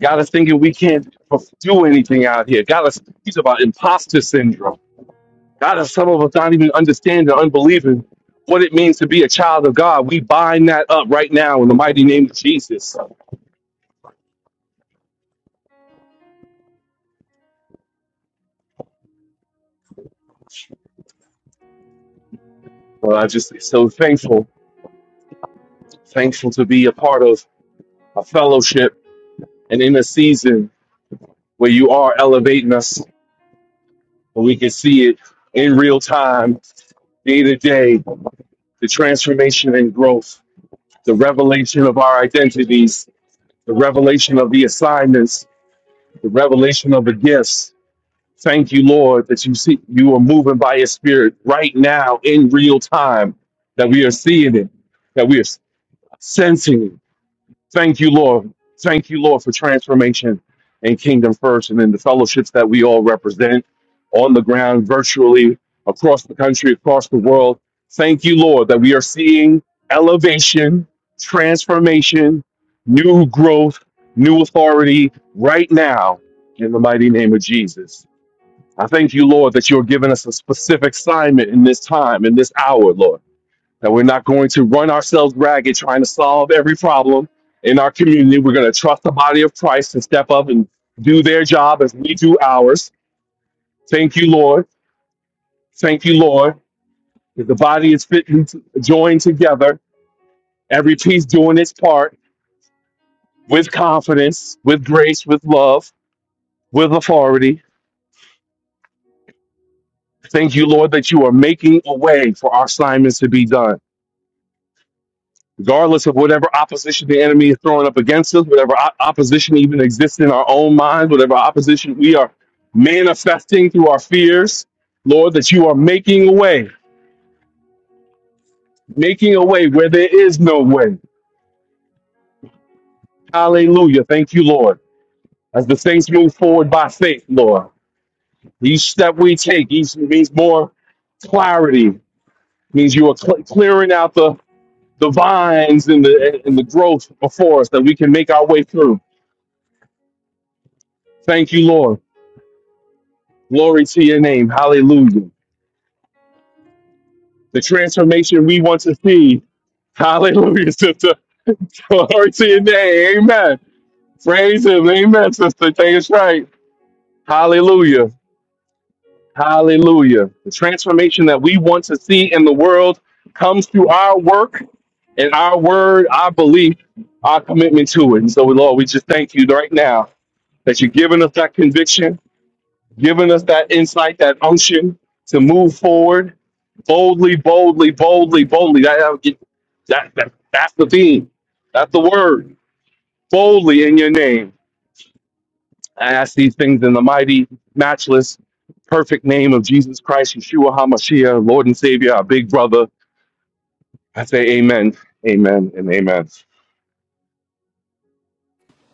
G: Got us thinking we can't do anything out here. Got us he's about imposter syndrome. Got us some of us not even understanding, or unbelieving what it means to be a child of God. We bind that up right now in the mighty name of Jesus. Well, I just so thankful, thankful to be a part of a fellowship and in a season where you are elevating us And We can see it in real time, day to day, the transformation and growth, the revelation of our identities, the revelation of the assignments, the revelation of the gifts. Thank you, Lord, that you see you are moving by your spirit right now in real time, that we are seeing it, that we are sensing it Thank you, Lord. Thank you, Lord, for transformation and kingdom first, and then the fellowships that we all represent on the ground, virtually across the country, across the world. Thank you, Lord, that we are seeing elevation, transformation, new growth, new authority right now in the mighty name of Jesus. I thank you, Lord, that you're giving us a specific assignment in this time, in this hour, Lord that we're not going to run ourselves ragged trying to solve every problem in our community. We're going to trust the body of Christ to step up and do their job as we do ours. Thank you, Lord. Thank you, Lord. That the body is fitly joined together, every piece doing its part with confidence, with grace, with love, with authority. Thank you, Lord, that you are making a way for our assignments to be done. regardless of whatever opposition the enemy is throwing up against us, whatever o- opposition even exists in our own minds, whatever opposition we are manifesting through our fears, Lord, that you are making a way, making a way where there is no way. Hallelujah. Thank you, Lord. As the saints move forward by faith, Lord, each step we take each means more clarity, means you are cl- clearing out the, the vines and the, and the growth before us that we can make our way through. Thank you, Lord. Glory to your name. Hallelujah. The transformation we want to see. Hallelujah, sister. Glory to your name. Amen. Praise him. Amen, sister. Take us right. Hallelujah. Hallelujah. The transformation that we want to see in the world comes through our work and our word, our belief, our commitment to it. And so, Lord, we just thank you right now that you're giving us that conviction giving us that insight, that unction to move forward boldly, boldly, boldly, boldly. That, that, that, that- that's the theme. That's the word. Boldly in your name. I ask these things in the mighty, matchless, perfect name of Jesus Christ, Yeshua HaMashiach, Lord and Savior, our big brother. I say amen, amen, and amen.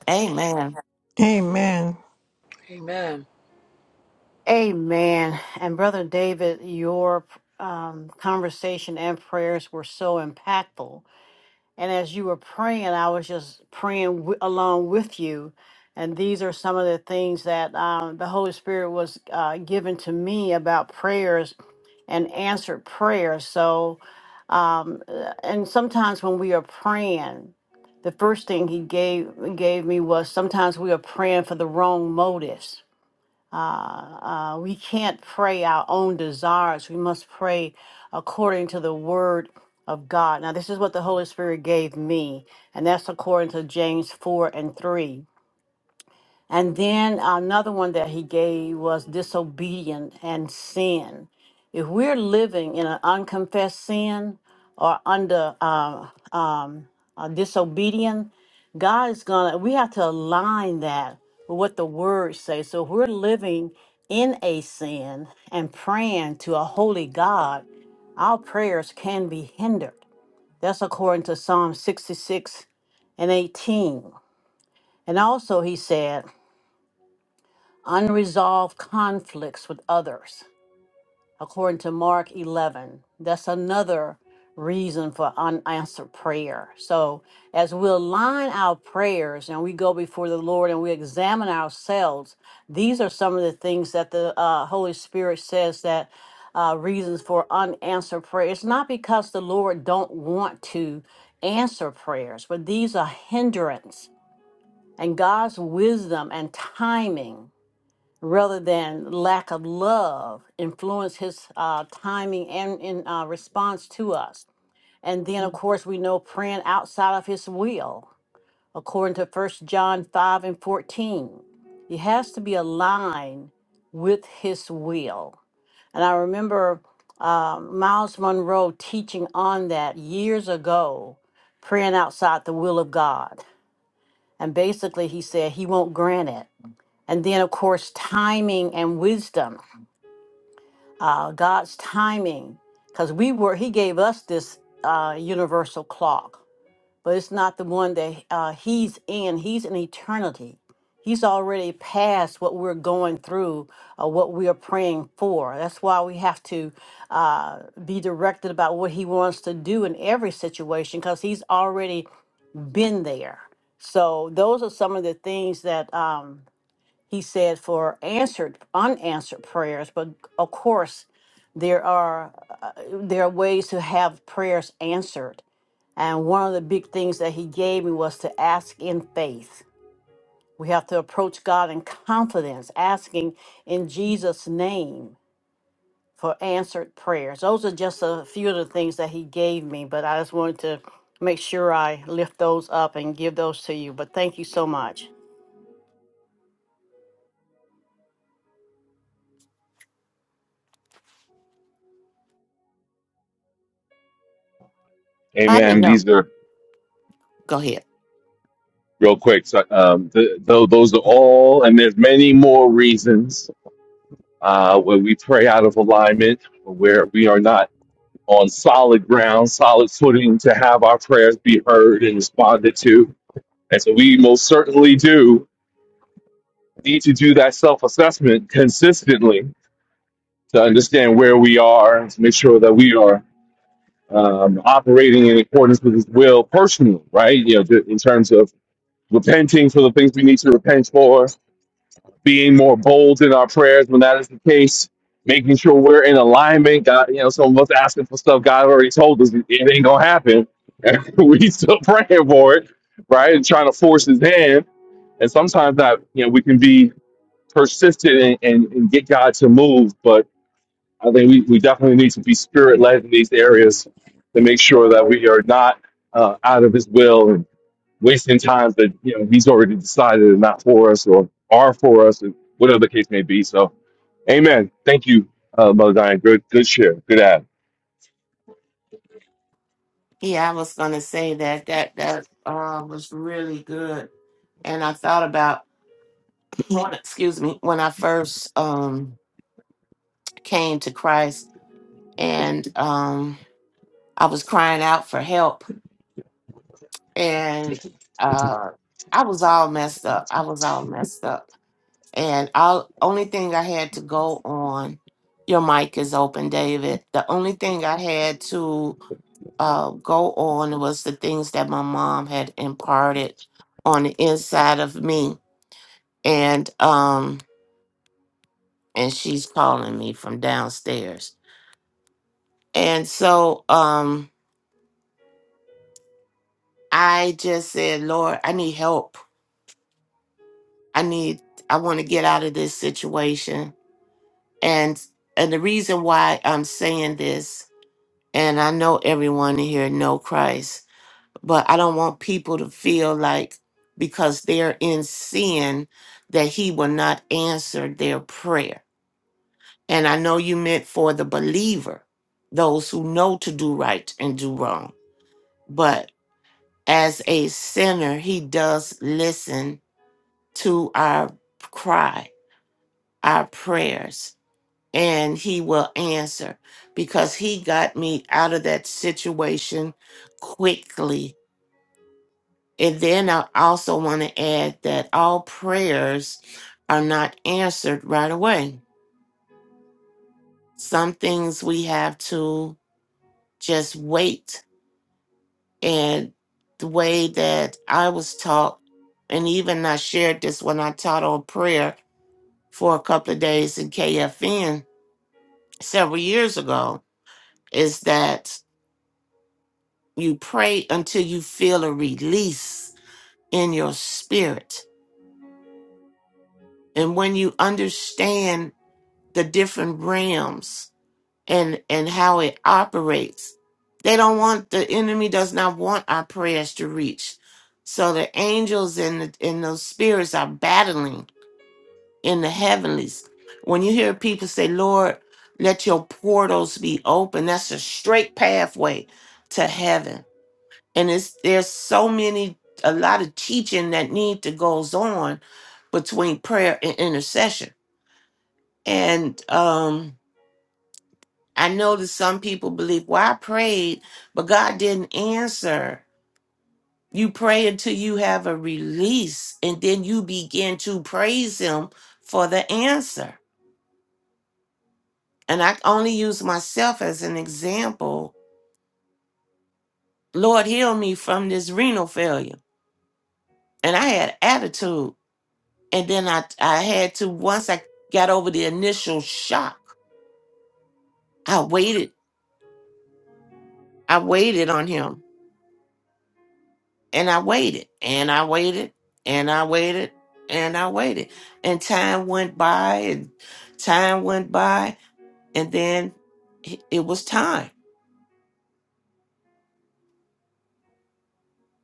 F: Amen.
B: Amen.
H: Amen.
D: Amen. And Brother David, your um, conversation and prayers were so impactful. And as you were praying, I was just praying w- along with you. And these are some of the things that um, the Holy Spirit was uh, given to me about prayers and answered prayer. So, um, uh, and sometimes when we are praying, the first thing He gave gave me was sometimes we are praying for the wrong motives uh, uh, we can't pray our own desires. We must pray according to the word of God. Now, this is what the Holy Spirit gave me, and that's according to James 4 and 3. And then another one that he gave was disobedient and sin. If we're living in an unconfessed sin or under uh, um, uh, disobedient, God is gonna. We have to align that with what the Word says. So if we're living in a sin and praying to a holy God, our prayers can be hindered. That's according to Psalm 66 and 18. And also, he said unresolved conflicts with others, according to Mark 11. That's another reason for unanswered prayer. So, as we align our prayers and we go before the Lord and we examine ourselves, these are some of the things that the uh, Holy Spirit says that. Uh, reasons for unanswered prayer. It's not because the Lord don't want to answer prayers, but these are hindrance and God's wisdom and timing rather than lack of love influence his uh, timing and in uh, response to us and then of course we know praying outside of his will according to First john 5 and 14 it has to be aligned with his will and i remember uh, miles monroe teaching on that years ago praying outside the will of god and basically he said he won't grant it and then of course timing and wisdom uh, God's timing, because we were He gave us this uh, universal clock, but it's not the one that uh, He's in. He's in eternity. He's already past what we're going through, or what we are praying for. That's why we have to uh, be directed about what He wants to do in every situation, because He's already been there. So those are some of the things that. Um, he said for answered unanswered prayers but of course there are uh, there are ways to have prayers answered and one of the big things that he gave me was to ask in faith we have to approach god in confidence asking in jesus name for answered prayers those are just a few of the things that he gave me but i just wanted to make sure i lift those up and give those to you but thank you so much
F: I didn't
G: Amen.
F: know.
G: These are
F: Go ahead.
G: real quick. So, um, th- th- those are all, and there's many more reasons uh, where we pray out of alignment, where we are not on solid ground, solid footing to have our prayers be heard and responded to. And so we most certainly do need to do that self assessment consistently to understand where we are and to make sure that we are um, operating in accordance with His will personally, right? You know, in terms of repenting for the things we need to repent for, being more bold in our prayers when that is the case, making sure we're in alignment. God, you know, some of us asking for stuff God already told us it ain't gonna happen. And we still praying for it, right? And trying to force his hand. And sometimes that, you know, we can be persistent and, and, and get God to move. But I think we, we definitely need to be spirit led in these areas to make sure that we are not uh, out of his will and wasting times that you know he's already decided are not for us or are for us and whatever the case may be. So, Amen. Thank you, uh, Mother Diane. Good, good share. Good ad.
F: Yeah, I was gonna say that that that uh, was really good, and I thought about when- excuse me when I first um, came to Christ, and um, I was crying out for help, and uh, I was all messed up. I was all messed up, and all only thing I had to go on. Your mic is open, David. The only thing I had to uh, go on was the things that my mom had imparted on the inside of me, and um, and she's calling me from downstairs, and so um, I just said, Lord, I need help. I need. I want to get out of this situation, and and the reason why I'm saying this, and I know everyone in here know Christ but I don't want people to feel like because they're in sin that he will not answer their prayer. And I know you meant for the believer, those who know to do right and do wrong. But as a sinner, he does listen to our cry, our prayers, and he will answer because he got me out of that situation quickly And then I also want to add that all prayers are not answered right away. Some things we have to just wait. And the way that I was taught, and even I shared this when I taught on prayer for a couple of days in KFN several years ago, is that you pray until you feel a release in your spirit. And when you understand the different realms, and and how it operates. They don't want the enemy does not want our prayers to reach. So the angels and the, and those spirits are battling in the heavenlies. When you hear people say, "Lord, let your portals be open," that's a straight pathway to heaven. And it's there's so many a lot of teaching that need to goes on between prayer and intercession. And um I know that some people believe, well, I prayed, but God didn't answer. You pray until you have a release, and then you begin to praise Him for the answer. And I only use myself as an example. Lord, heal me from this renal failure. And I had attitude. And then I, I had to, once I got over the initial shock, I waited. I waited on Him And I waited and I waited and I waited and I waited. And time went by and time went by. And then it it was time.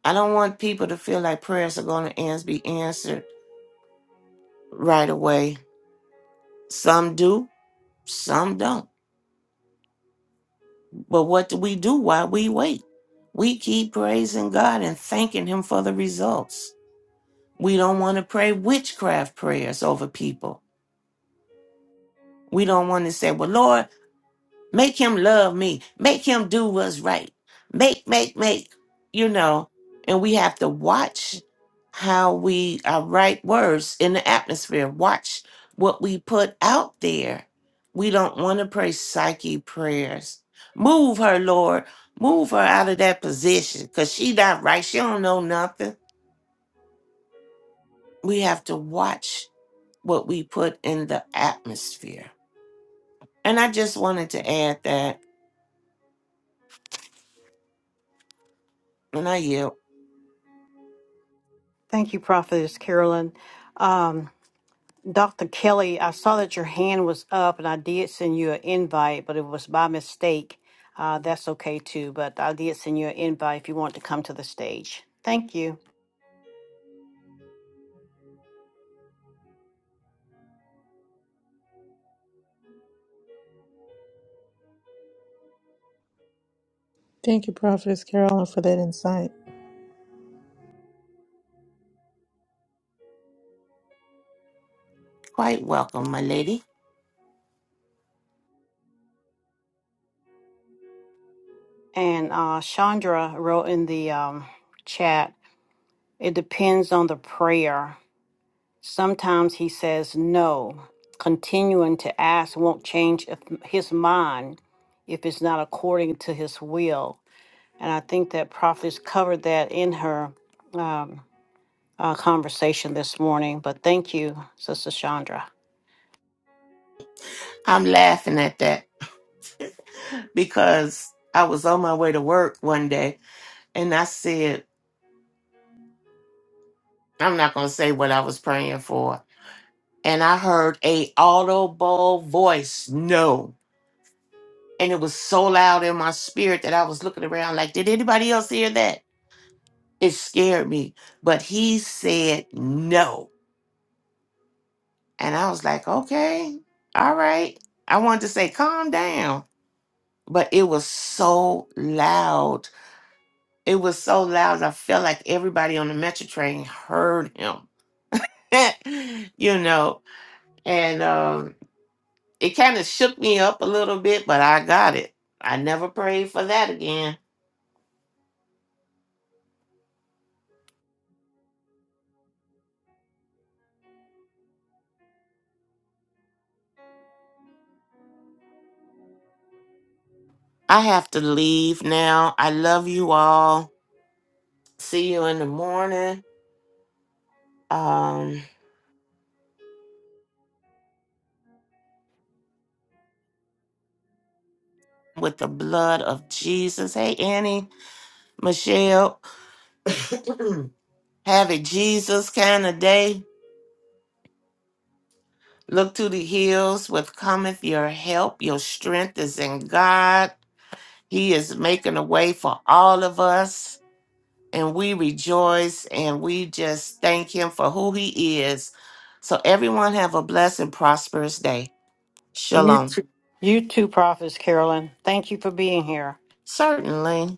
F: I don't want people to feel like prayers are going to ans- be answered right away. Some do, some don't. But what do we do while we wait? We keep praising God and thanking Him for the results. We don't want to pray witchcraft prayers over people. We don't want to say, Well, Lord, Make him love me. Make him do what's right. Make, make, make, you know. And we have to watch how we uh, write words in the atmosphere, watch what we put out there. We don't want to pray psyche prayers. Move her, Lord. Move her out of that position because she not right. She don't know nothing. We have to watch what we put in the atmosphere. And I just wanted to add that, and I yield.
D: thank you prophetess carolyn Dr. Kelly, I saw that your hand was up and I did send you an invite, but it was by mistake. Uh, that's okay too, but I did send you an invite if you want to come to the stage. Thank you.
B: Thank you, Prophetess Carolyn, for that insight.
F: Quite welcome, my lady.
D: And uh, Chandra wrote in the um, chat, it depends on the prayer. Sometimes he says no. Continuing to ask won't change if his mind if it's not according to his will. And I think that prophetess covered that in her. um, uh, conversation this morning, but thank you, Sister Chandra.
F: I'm laughing at that because I was on my way to work one day and I said, I'm not going to say what I was praying for. And I heard a audible voice, no. And it was so loud in my spirit that I was looking around like, did anybody else hear that? It scared me. But he said no. And I was like, okay, all right. I wanted to say, calm down. But it was so loud It was so loud, I felt like everybody on the metro train heard him, you know. And um, it kind of shook me up a little bit, but I got it. I never prayed for that again. I have to leave now. I love you all. See you in the morning. Um, with the blood of Jesus. Hey, Annie, Michelle, have it Jesus kind of day. Look to the hills with cometh your help. Your strength is in God. He is making a way for all of us, and we rejoice and we just thank Him for who He is. So, everyone, have a blessed and prosperous day.
D: You
F: Shalom.
D: too. You too, Prophetess Carolyn. Thank you for being here.
F: Certainly.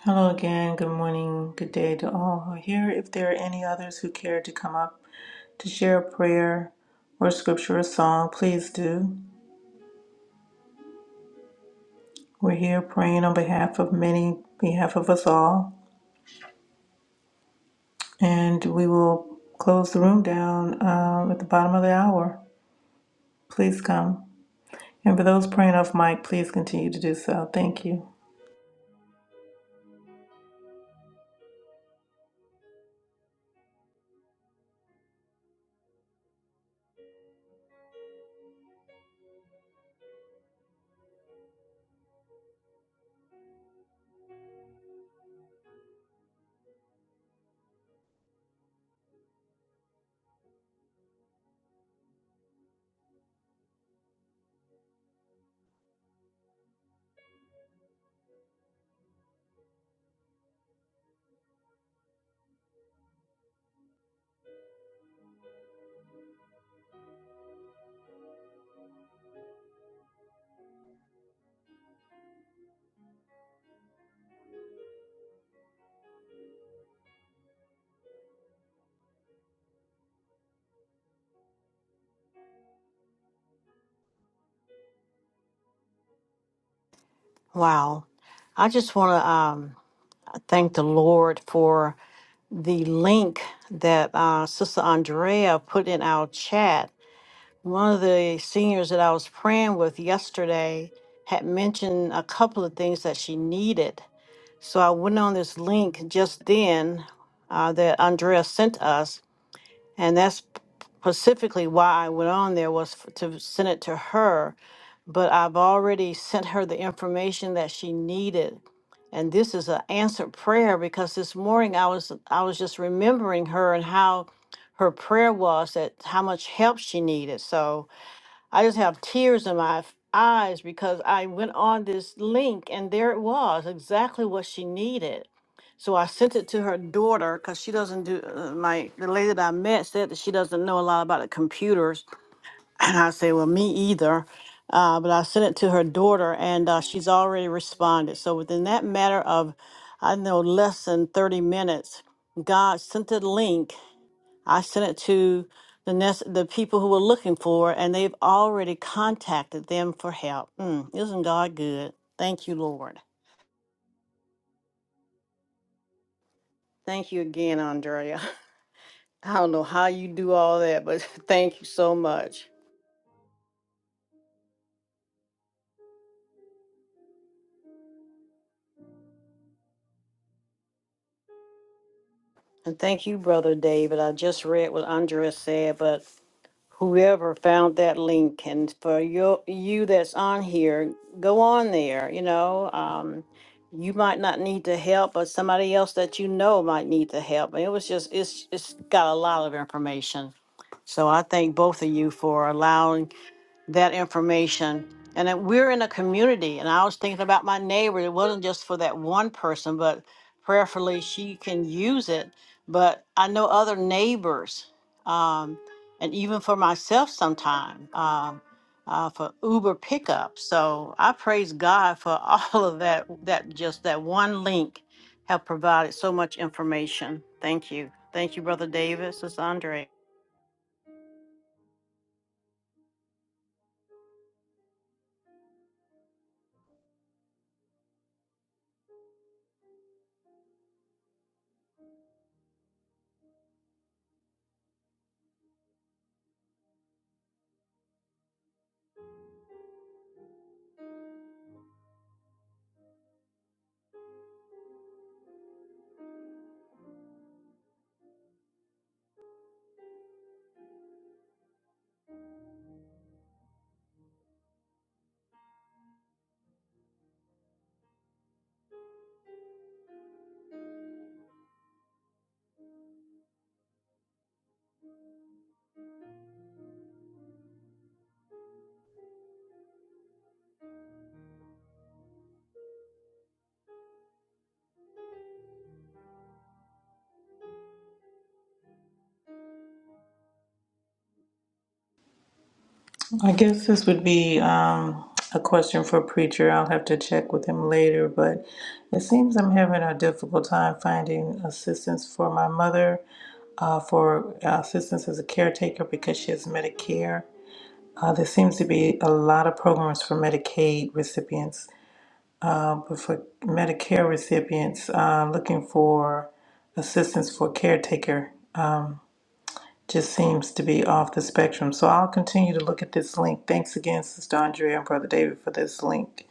B: Hello again. Good morning. Good day to all who are here. If there are any others who care to come up to share a prayer or scripture or song, please do. We're here praying on behalf of many, behalf of us all. And we will close the room down um, at the bottom of the hour. Please come. And for those praying off mic, please continue to do so. Thank you.
D: Wow. I just want to um, thank the Lord for the link that uh, Sister Andrea put in our chat. One of the seniors that I was praying with yesterday had mentioned a couple of things that she needed. So I went on this link just then uh, that Andrea sent us and that's specifically why I went on there was f- to send it to her. But I've already sent her the information that she needed, and this is an answered prayer because this morning I was I was just remembering her and how her prayer was that how much help she needed. So I just have tears in my f- eyes because I went on this link and there it was exactly what she needed so I sent it to her daughter because she doesn't do uh, my the lady that I met said that she doesn't know a lot about the computers, and I say, well, me either. Uh, but I sent it to her daughter, and uh, she's already responded. So within that matter of, I know less than thirty minutes, God sent a link. I sent it to the nest, the people who were looking for, it, and they've already contacted them for help. Mm, isn't God good? Thank you, Lord. Thank you again, Andrea. I don't know how you do all that, but thank you so much. And thank you, Brother David. I just read what Andres said, but whoever found that link and for your you that's on here, go on there, you know. Um you might not need the help, but somebody else that you know might need the help. And it was just it's it's got a lot of information. So I thank both of you for allowing that information. And that we're in a community, and I was thinking about my neighbor. It wasn't just for that one person, but prayerfully she can use it. But I know other neighbors, um, and even for myself sometime um, uh, for Uber pickup. So I praise God for all of that. That just that one link have provided so much information. Thank you, thank you, Brother David, Sister Andre.
B: I guess this would be um, a question for a preacher. I'll have to check with him later, but it seems I'm having a difficult time finding assistance for my mother, uh, for uh, assistance as a caretaker because she has Medicare. Uh, there seems to be a lot of programs for Medicaid recipients uh, but for Medicare recipients uh, looking for assistance for caretaker um, just seems to be off the spectrum. So I'll continue to look at this link. Thanks again, Sister Andrea and Brother David, for this link.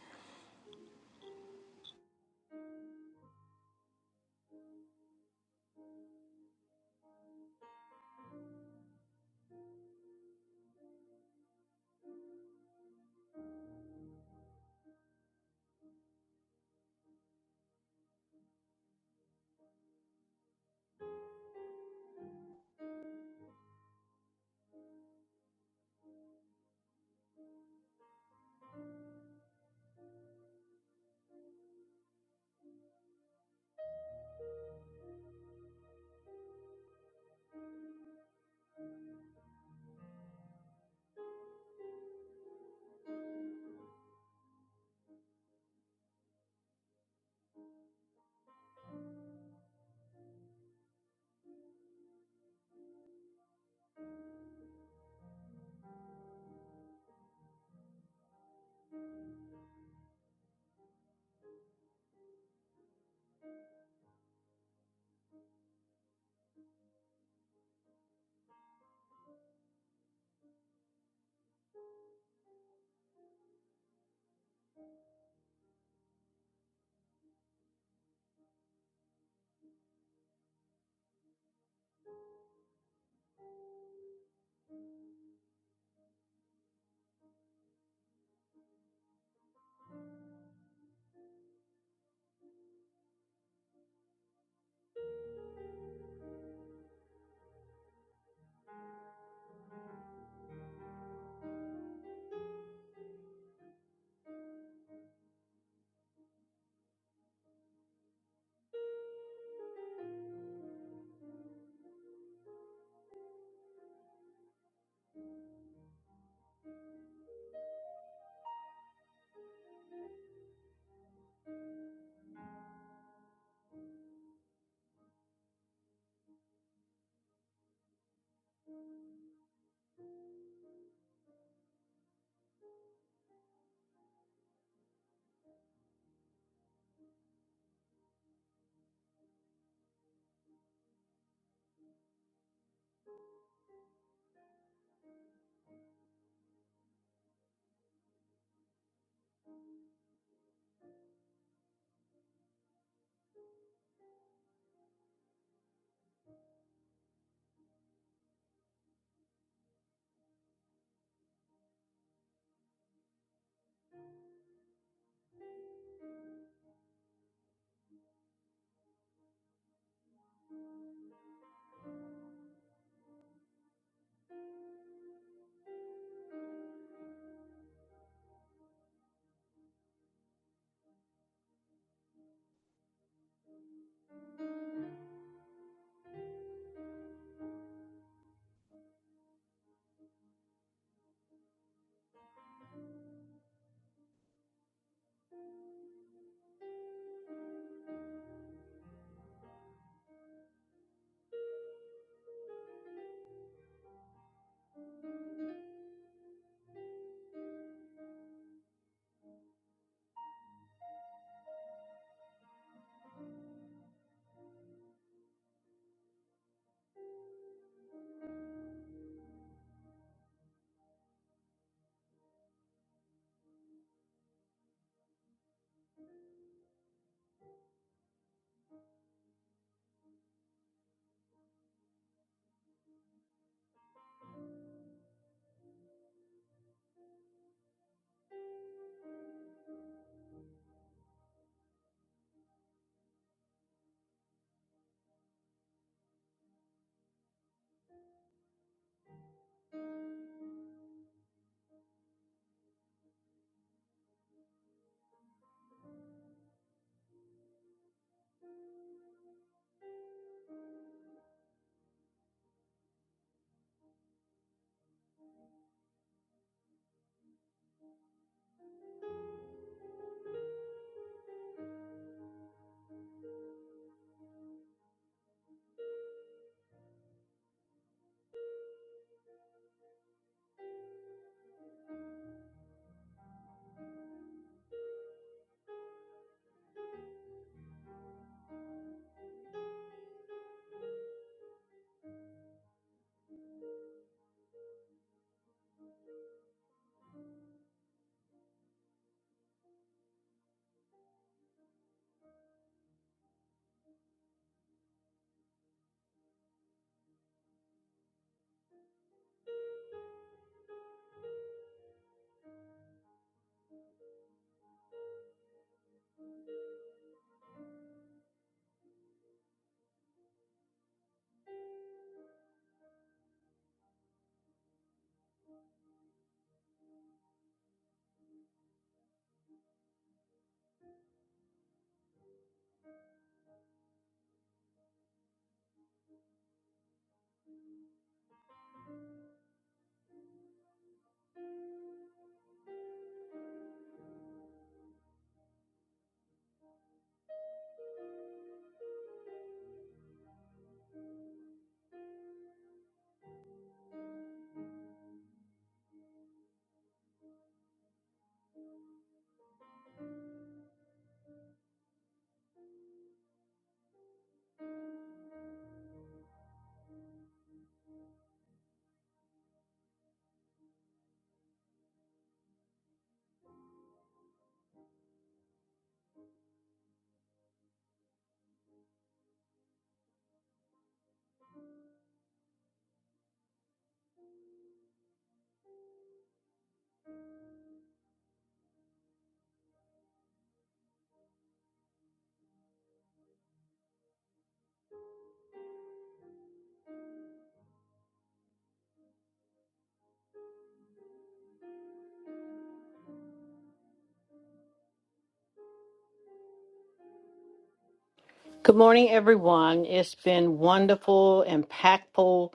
D: Good morning, everyone. It's been wonderful, impactful,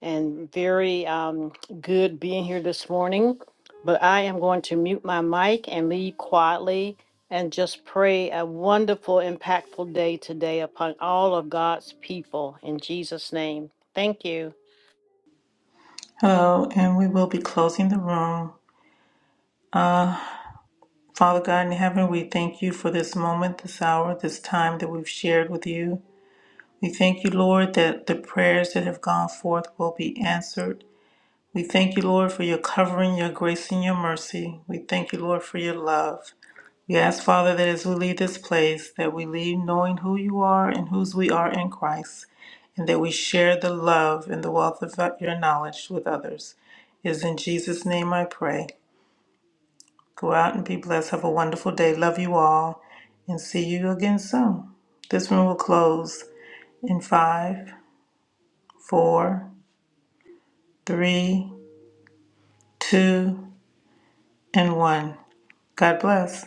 D: and very um, good being here this morning. But I am going to mute my mic and leave quietly and just pray a wonderful, impactful day today upon all of God's people in Jesus' name. Thank you.
B: Hello, and we will be closing the room. Uh, Father God in heaven, we thank you for this moment, this hour, this time that we've shared with you. We thank you, Lord, that the prayers that have gone forth will be answered. We thank you, Lord, for your covering, your grace, and your mercy. We thank you, Lord, for your love. We ask, Father, that as we leave this place, that we leave knowing who you are and whose we are in Christ, and that we share the love and the wealth of your knowledge with others. It is in Jesus' name I pray. Go out and be blessed. Have a wonderful day. Love you all, and see you again soon. This room will close in five, four, three, two, and one. God bless.